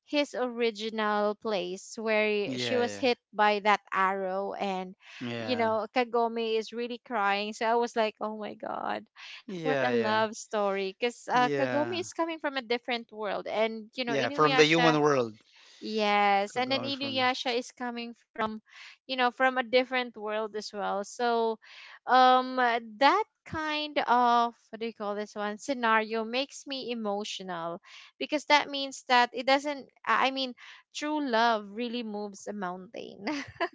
A: his original place where she
B: Yeah.
A: was
B: Yeah.
A: hit by that arrow. And you
B: Yeah.
A: know, Kagome is really crying, so I was like, oh my god, what
B: Yeah.
A: a
B: Yeah.
A: love story, because Kagome
B: Yeah.
A: is coming from a different world, and you know,
B: Yeah. From the
A: Inuyasha,
B: human world.
A: yes, and then
B: Kagami from the.
A: Inuyasha is coming from, you know, from a different world as well. So that kind of, what do you call this one, scenario makes me emotional, because that means that it doesn't I mean true love really moves a mountain.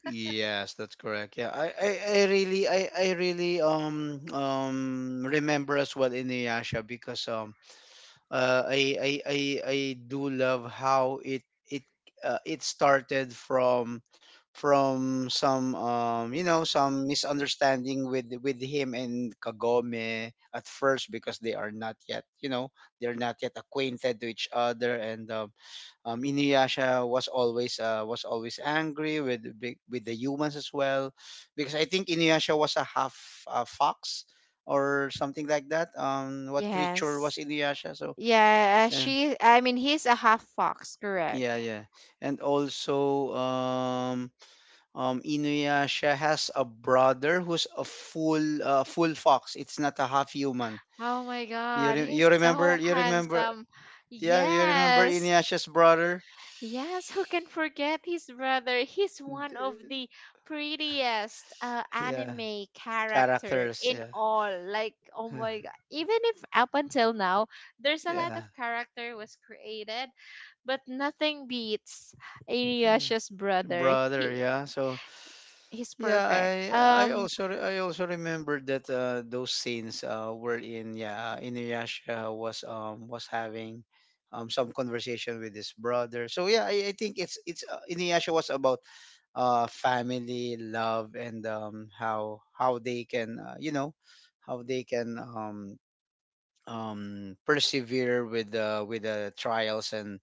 B: Yes, that's correct. Yeah, I really remember as well Inuyasha because. uh, I, I I I do love how it it started from some some misunderstanding with him and Kagome at first because they are not yet they're not yet acquainted to each other and Inuyasha was always was always angry with the with the humans as well, because I think Inuyasha was a half fox or something like that. What creature was
A: Yes,
B: Inuyasha? So
A: yeah,
B: yeah,
A: she I mean he's a half fox, correct.
B: yeah, yeah. And also, Inuyasha has a brother who's a full, full fox. It's not a half human.
A: Oh my God,
B: You
A: he's
B: remember?
A: so
B: You remember?
A: handsome.
B: Yeah, you remember
A: Yes.
B: Inuyasha's brother?
A: Yes, who can forget his brother? He's one of
B: D-
A: the prettiest
B: Yeah,
A: anime character
B: characters.
A: in
B: Yeah,
A: all. Like, oh my god. Even if up until now, there's a lot
B: yeah.
A: of character was created, but nothing beats Inuyasha's brother.
B: Brother, yeah. So
A: He's
B: yeah i
A: perfect.
B: I also I also remember that those scenes were in yeah Inuyasha was having some conversation with his brother. So I think it's Inuyasha was about family love. And how they can how they can persevere with the trials and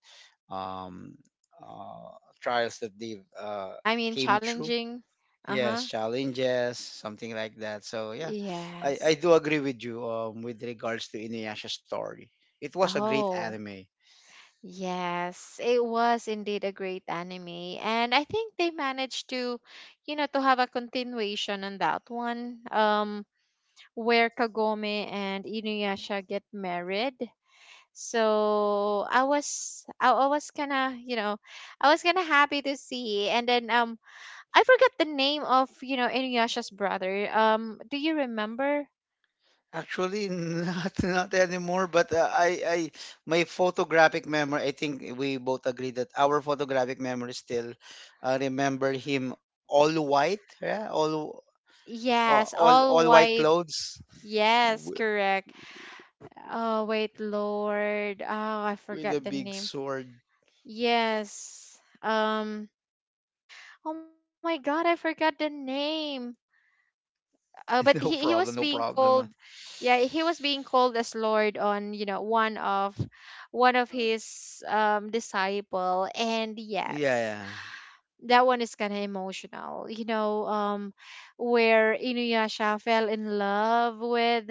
B: um, trials that they've
A: I mean
B: came through.
A: challenging.
B: Yes,
A: Uh-huh.
B: challenges, something like that. So yeah, I
A: Yes.
B: do agree with you with regards to Inuyasha story. It was a great
A: Oh.
B: anime.
A: Yes, it was indeed a great anime. And I think they managed to, you know, to have a continuation on that one, where Kagome and Inuyasha get married. So I was, I was kinda, you know, I was kinda happy to see. And then I forgot the name of, you know, Inuyasha's brother. Do you remember?
B: Actually, not not anymore. But I my photographic memory. I think we both agree that our photographic memory still remember him all white, yeah,
A: Yes,
B: all
A: all
B: white
A: white.
B: clothes w-
A: Yes, correct. Oh, wait, Lord. Oh, I
B: with a
A: forgot the
B: big
A: name.
B: sword.
A: Yes. Oh my God, I forgot the name.
B: No
A: But
B: problem, no
A: he was being
B: problem.
A: called, yeah, he was being called as Lord on, you know, one of his disciple. And
B: Yeah, yeah.
A: yes, that one is kind of emotional. You know, where Inuyasha fell in love with,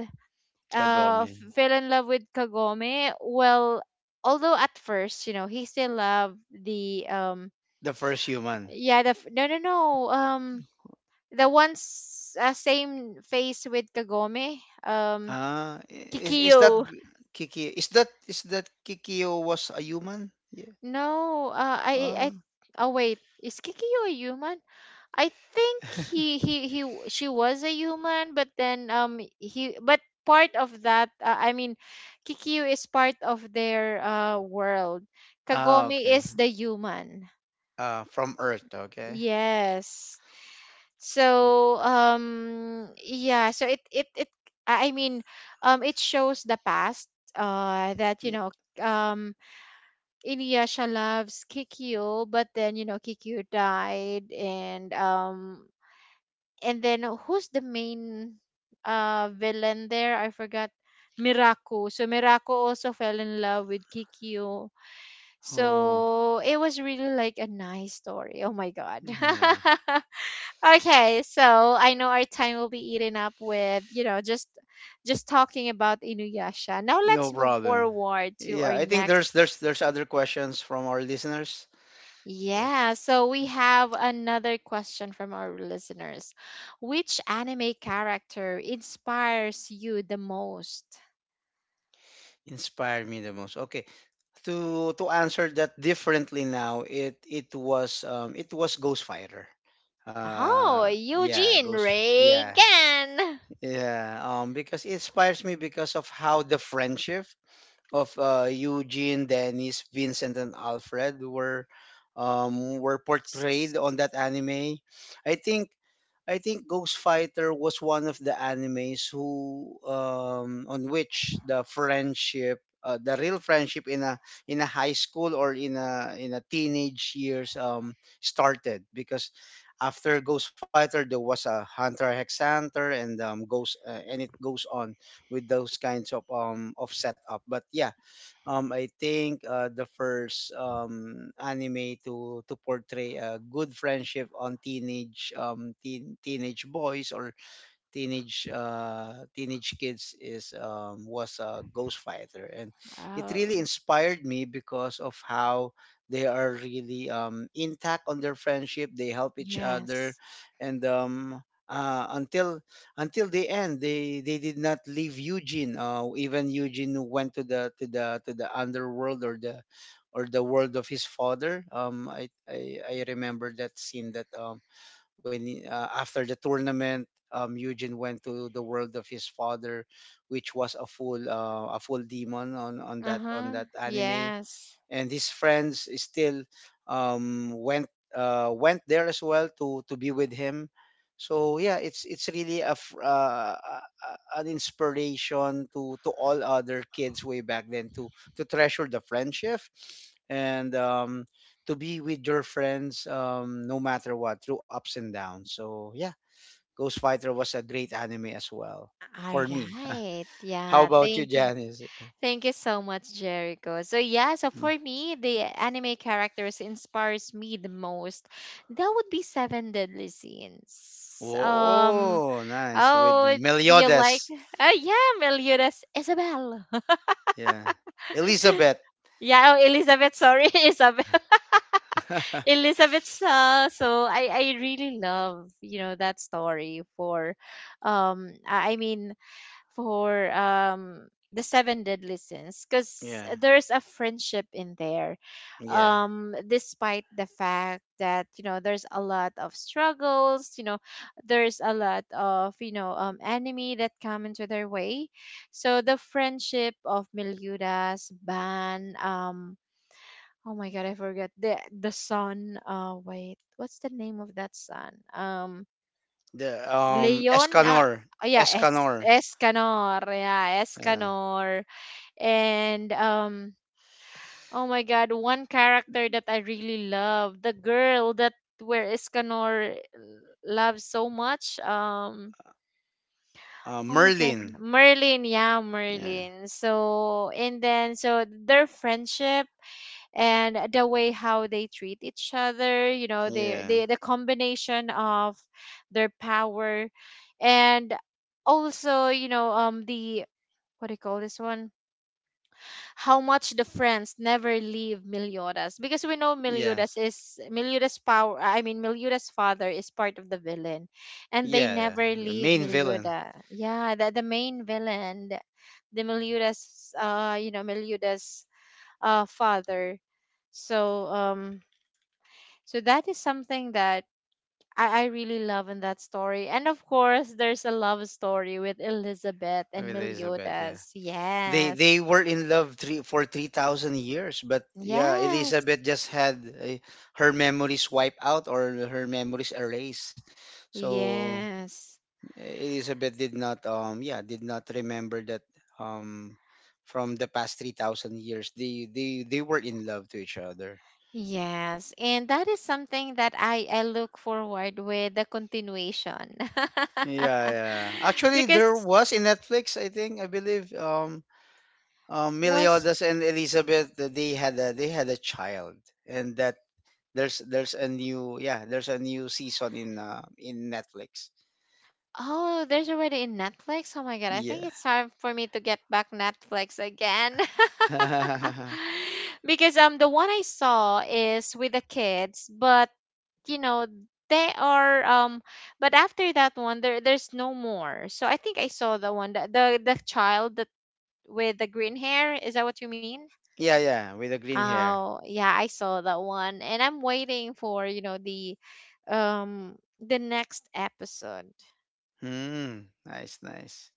B: Kagome,
A: fell in love with Kagome. Well, although at first, you know, he still loved the,
B: the first human.
A: yeah, no, no, no, the one's, same face with Kagome, um,
B: Ah, i- is is that
A: Kikyo.
B: g- Kiki? Is that Kikyo was a human? Yeah.
A: No,
B: Ah.
A: oh wait, is Kikyo a human? I think she was a human, but then, but part of that, I mean, Kikyo is part of their, world.
B: Ah,
A: Kagome
B: okay.
A: is the human.
B: From Earth, okay.
A: Yes. So, yeah, I mean, it shows the past, that, you
B: Yeah.
A: know, um, Inuyasha loves Kikyo, but then you know Kikyo died, and then who's the main villain there? I forgot. Miraku. So Miraku also fell in love with Kikyo.
B: Oh,
A: So it was really like a nice story. Oh my god.
B: yeah.
A: Okay, so I know our time will be eaten up with, you know, just talking about Inuyasha. Now
B: No
A: let's move
B: problem.
A: forward to
B: Yeah,
A: our
B: I think
A: next.
B: there's other questions from our listeners. Yep.
A: Yeah, so we have another question from our listeners. Which anime character inspires you the most?
B: Inspired me the most. Okay. To answer that differently now, it was ghost fighter
A: Oh,
B: uh yeah
A: Eugene
B: ghost yeah
A: Reagan.
B: yeah because it inspires me because of how the friendship of Eugene, Dennis, Vincent, and Alfred were were portrayed
A: S-
B: on that anime. I think I think Ghost Fighter was one of the animes who on which the friendship, the real friendship in a high school or in a teenage years, started because after Ghost Fighter there was a Hunter Hex Hunter and goes and it goes on with those kinds of setup. But yeah, I think the first anime to portray a good friendship on teenage teenage boys or teenage teenage kids is was a ghost fighter, and it really
A: Oh,
B: inspired me because of how they are really intact on their friendship. They help each other
A: yes.
B: and uh, until until the end they did not leave Eugene even Eugene went to the to the underworld or the world of his father. I remember that scene that when after the tournament, Eugene went to the world of his father, which was a full demon on
A: Uh-huh.
B: that anime
A: Yes.
B: and his friends still went went there as well to be with him. So yeah, it's really a an inspiration to all other kids way back then to treasure the friendship and to be with your friends, no matter what through ups and downs. So yeah, Ghost Fighter was a great anime as well
A: All
B: for me.
A: right.
B: How
A: Yeah,
B: about you,
A: thank,
B: Janice?
A: thank you so much, Jericho. So yeah, so for me, the anime characters inspires me the most. That would be Seven Deadly Sins.
B: Oh, nice. With
A: Oh, do you like?
B: Meliodas.
A: Yeah, Meliodas, Isabel.
B: Yeah. Elizabeth.
A: Yeah, oh, Elizabeth. Sorry, Isabel. Elizabeth's. So I really love, you know, that story for, um, I I mean for the seven deadly sins, because
B: yeah.
A: there's a friendship in there,
B: Yeah.
A: despite the fact that, you know, there's a lot of struggles, you know, there's a lot of, enemy that come into their way. So the friendship of Meliudas, Ban, oh my god, I forget the son, wait, what's the name of that son,
B: The
A: Leon, ah,
B: Escanor.
A: oh yeah, Es
B: Escanor.
A: Escanor, yeah,
B: Yeah.
A: Escanor, and oh my God, one character that I really love, the girl that, where Escanor, loves so much, oh my God,
B: Merlin.
A: Merlin, yeah,
B: Yeah.
A: Merlin. So and then, so their friendship and the way how they treat each other, you know, they,
B: Yeah.
A: they the combination of their power, and also, you know, the, what do you call this one, how much the friends never leave Meliodas, because we know
B: Yes.
A: Meliodas is Meliodas power, Meliodas father is part of the villain and they
B: Yeah, yeah.
A: never
B: The
A: leave
B: main villain
A: Meliodas. Yeah, the main villain, the Meliodas, you know, Meliodas father. so um so that is something that I really love in that story. And of course, there's a love story with Elizabeth
B: of
A: and
B: Elizabeth, yeah.
A: Meliodas. Yes.
B: They were in love three for 3000 years, but yeah,
A: Yes.
B: Elizabeth just had her memories wiped out or her memories erased. So
A: Yes.
B: Elizabeth did not yeah did not remember that um from the past 3000 years they they were in love to each other.
A: Yes. And that is something that I look forward with the continuation,
B: Yeah, yeah, actually
A: because
B: there was in Netflix, I think, I believe
A: was
B: Meliodas and Elizabeth, that they had a child, and that there's a new yeah there's a new season in in Netflix.
A: oh, there's already in Netflix. Oh my god, I
B: Yeah.
A: think it's time for me to get back Netflix again.
B: Yeah.
A: Because the one I saw is with the kids, but you know, they are but after that one there there's no more. So I think I saw the one, that the child that, with the green hair, is that what you mean?
B: Yeah with the green hair.
A: Oh, yeah, I saw that one and I'm waiting for, you know, the next episode.
B: Hmm. Nice, nice.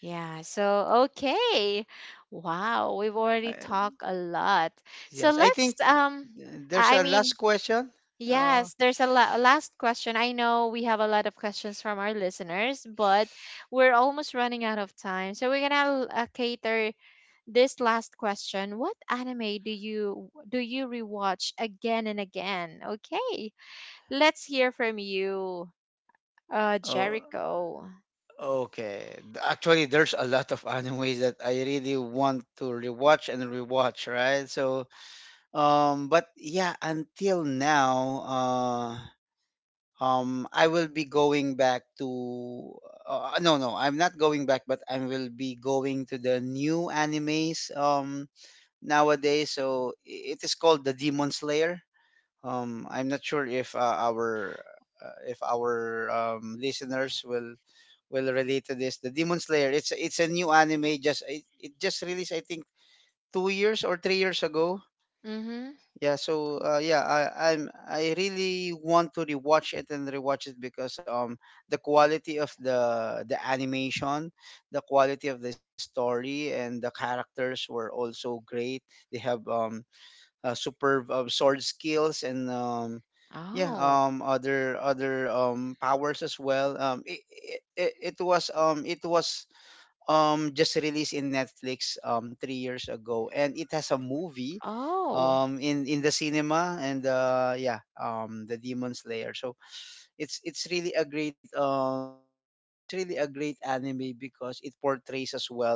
A: Yeah, so okay. Wow, we've already
B: I,
A: talked a lot. So
B: Yes, I
A: let's
B: think
A: um
B: there's
A: I I
B: a last
A: mean
B: question. Uh,
A: yes, there's a last question. I know we have a lot of questions from our listeners, but we're almost running out of time. So we're gonna cater this last question. What anime do you rewatch again and again? Okay, let's hear from you,
B: oh,
A: Jericho.
B: okay. Actually, there's a lot of animes that I really want to rewatch and rewatch, right? So, but yeah, until now, I will be going back to. No, no, I'm not going back, but I will be going to the new animes nowadays. So it is called the Demon Slayer. Um, I'm not sure if our if our listeners will relate to this. The Demon Slayer, it's a new anime, just it just released, I think, 2 years or 3 years ago.
A: Mm-hmm.
B: Yeah, so I really want to rewatch it and rewatch it because the quality of the animation, the quality of the story and the characters were also great. They have superb sword skills and yeah
A: Oh,
B: other other powers as well. It, it, it was just released in Netflix 3 years ago, and it has a movie
A: oh,
B: in the cinema, and the Demon Slayer. So it's really a great it's really a great anime because it portrays as well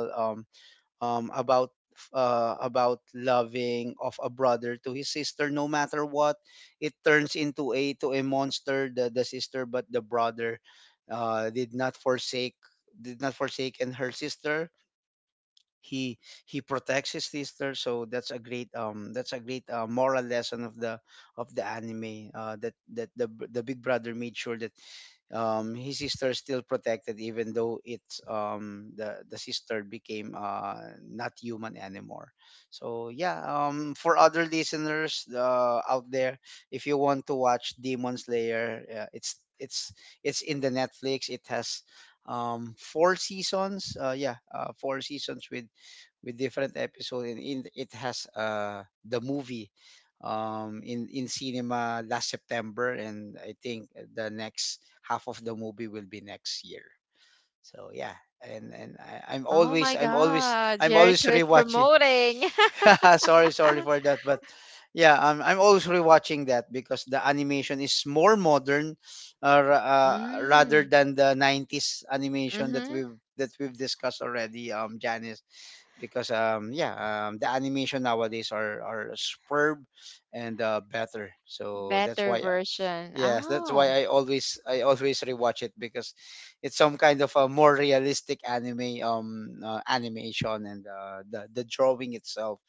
B: um, about about loving of a brother to his sister, no matter what. It turns into a to a monster the sister, but the brother did not forsake, did not forsake and her sister. he he protects his sister. So that's a great moral lesson of the anime, that that the the big brother made sure that his sister is still protected even though it's the sister became not human anymore. So yeah, for other listeners out there, if you want to watch Demon Slayer, it's in the Netflix. It has four seasons four seasons with different episodes, and it has the movie in cinema last September, and I think the next half of the movie will be next year. So yeah. And I, I'm
A: oh
B: always
A: my
B: I'm always
A: God!
B: I'm always
A: Jericho is
B: rewatching.
A: promoting.
B: Sorry, sorry for that. But yeah, I'm always rewatching that because the animation is more modern rather
A: Mm,
B: than the 90s animation
A: mm-hmm.
B: that we've discussed already, Janice. Because yeah the animation nowadays are superb and better. So that's
A: Better
B: why
A: version.
B: yes that's why
A: Oh.
B: I always rewatch it because it's some kind of a more realistic anime animation, and the drawing itself,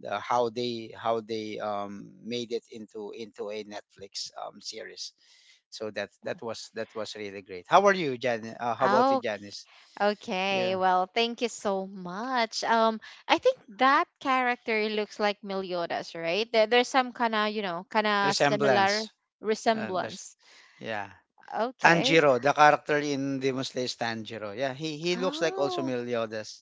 B: the how they made it into a Netflix series. So that that was really great. How are you, jan how about you,
A: Oh,
B: Janice?
A: okay.
B: Yeah.
A: Well, thank you so much. I think that character looks like Meliodas, right? There's some kind of, you know, kind of similar
B: Resemblance. There's
A: resemblance.
B: yeah.
A: Okay.
B: Tanjiro, the character in Demon Slayer is Tanjiro. Yeah, he looks like also
A: Oh,
B: Meliodas.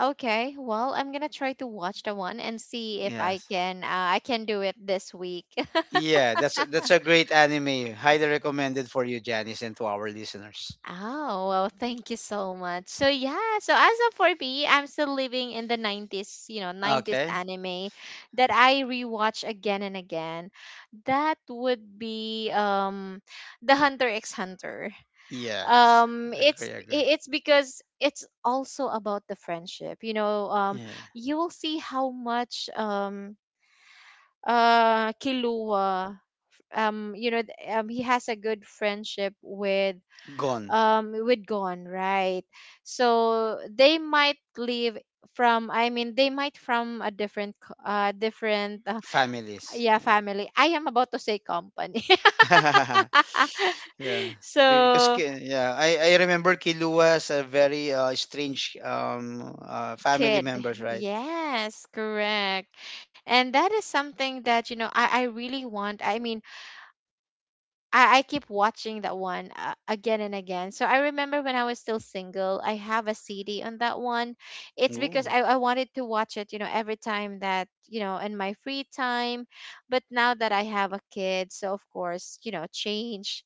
A: okay. Well, I'm gonna try to watch the one and see if I
B: Yes.
A: can, I can do it this week.
B: Yeah, that's a great anime. Highly recommended for you, Janice, and to our listeners.
A: Oh, well, thank you so much. So yeah, so as of for me, I'm still living in the 90s, you know, 90s
B: Okay.
A: anime that I rewatch again and again. That would be The Hunter x Hunter.
B: Yes.
A: Um,
B: Agree, agree.
A: it's because it's also about the friendship. You know,
B: Yeah.
A: you will see how much Killua, you know, he has a good friendship with,
B: Gone.
A: with gone right? So they might live from, I mean, they might from a different,
B: Families.
A: yeah, family. I am about to say company.
B: Yeah. yeah. Because
A: So
B: yeah, I remember Kilua as a very strange family
A: kid,
B: members, right?
A: yes, correct. And that is something that, you know, I really want, I mean, I keep watching that one, again and again. So I remember when I was still single, I have a CD on that one. It's because
B: Ooh.
A: I wanted to watch it, you know, every time that, you know, in my free time. But now that I have a kid, so of course, you know, change.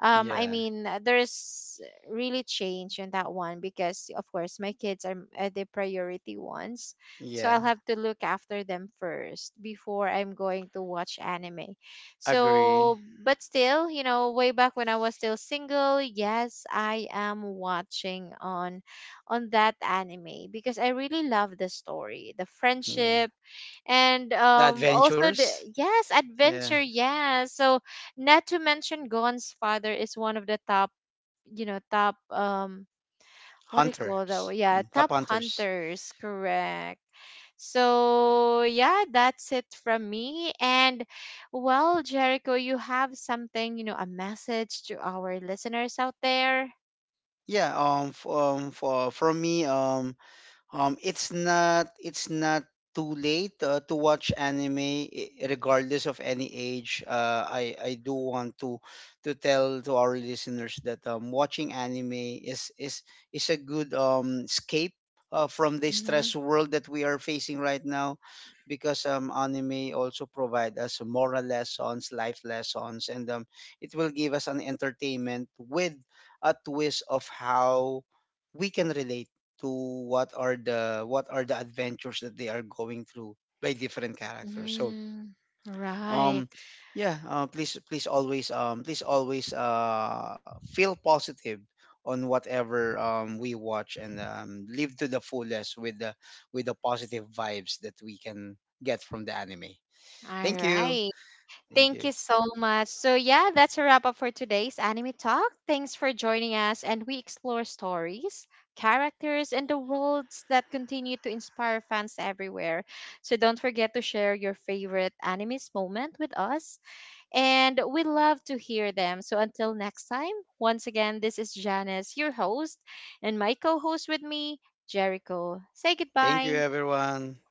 A: I
B: Yeah.
A: mean, there's really change in that one because, of course, my kids are the priority ones. So I'll
B: Yeah.
A: have to look after them first before I'm going to watch anime.
B: Agree.
A: So, but still, you know, way back when I was still single, yes, I am watching on that anime because I really love the story, the
B: Yeah.
A: friendship, and
B: The
A: also the,
B: Adventures.
A: yes,
B: Yeah.
A: adventure, yes. So, not to mention Gon's father is one of the top, you know, top
B: Hunters.
A: what do you
B: Mm, Top
A: call that one? Yeah,
B: Hunters.
A: Top Hunters, correct. So yeah, that's it from me. And well, Jericho, you have something, you know, a message to our listeners out there.
B: Yeah. F- for from me. It's not too late to watch anime, regardless of any age. I do want to tell to our listeners that watching anime is is is a good escape from the
A: Mm-hmm.
B: stress world that we are facing right now because anime also provide us moral lessons, life lessons, and it will give us an entertainment with a twist of how we can relate to what are the adventures that they are going through by different characters. So
A: Mm-hmm. Right.
B: um yeah, please please always, please always feel positive on whatever we watch and live to the fullest with the positive vibes that we can get from the anime.
A: All
B: Thank you.
A: right.
B: Thank
A: Thank you
B: you.
A: so much. So, yeah, that's a wrap up for today's anime talk. Thanks for joining us, and we explore stories, characters, and the worlds that continue to inspire fans everywhere. So, don't forget to share your favorite anime's moment with us, and we love to hear them. So, until next time, once again, this is Janice, your host, and my co host with me, Jericho. Say
B: Thank you
A: goodbye.
B: everyone.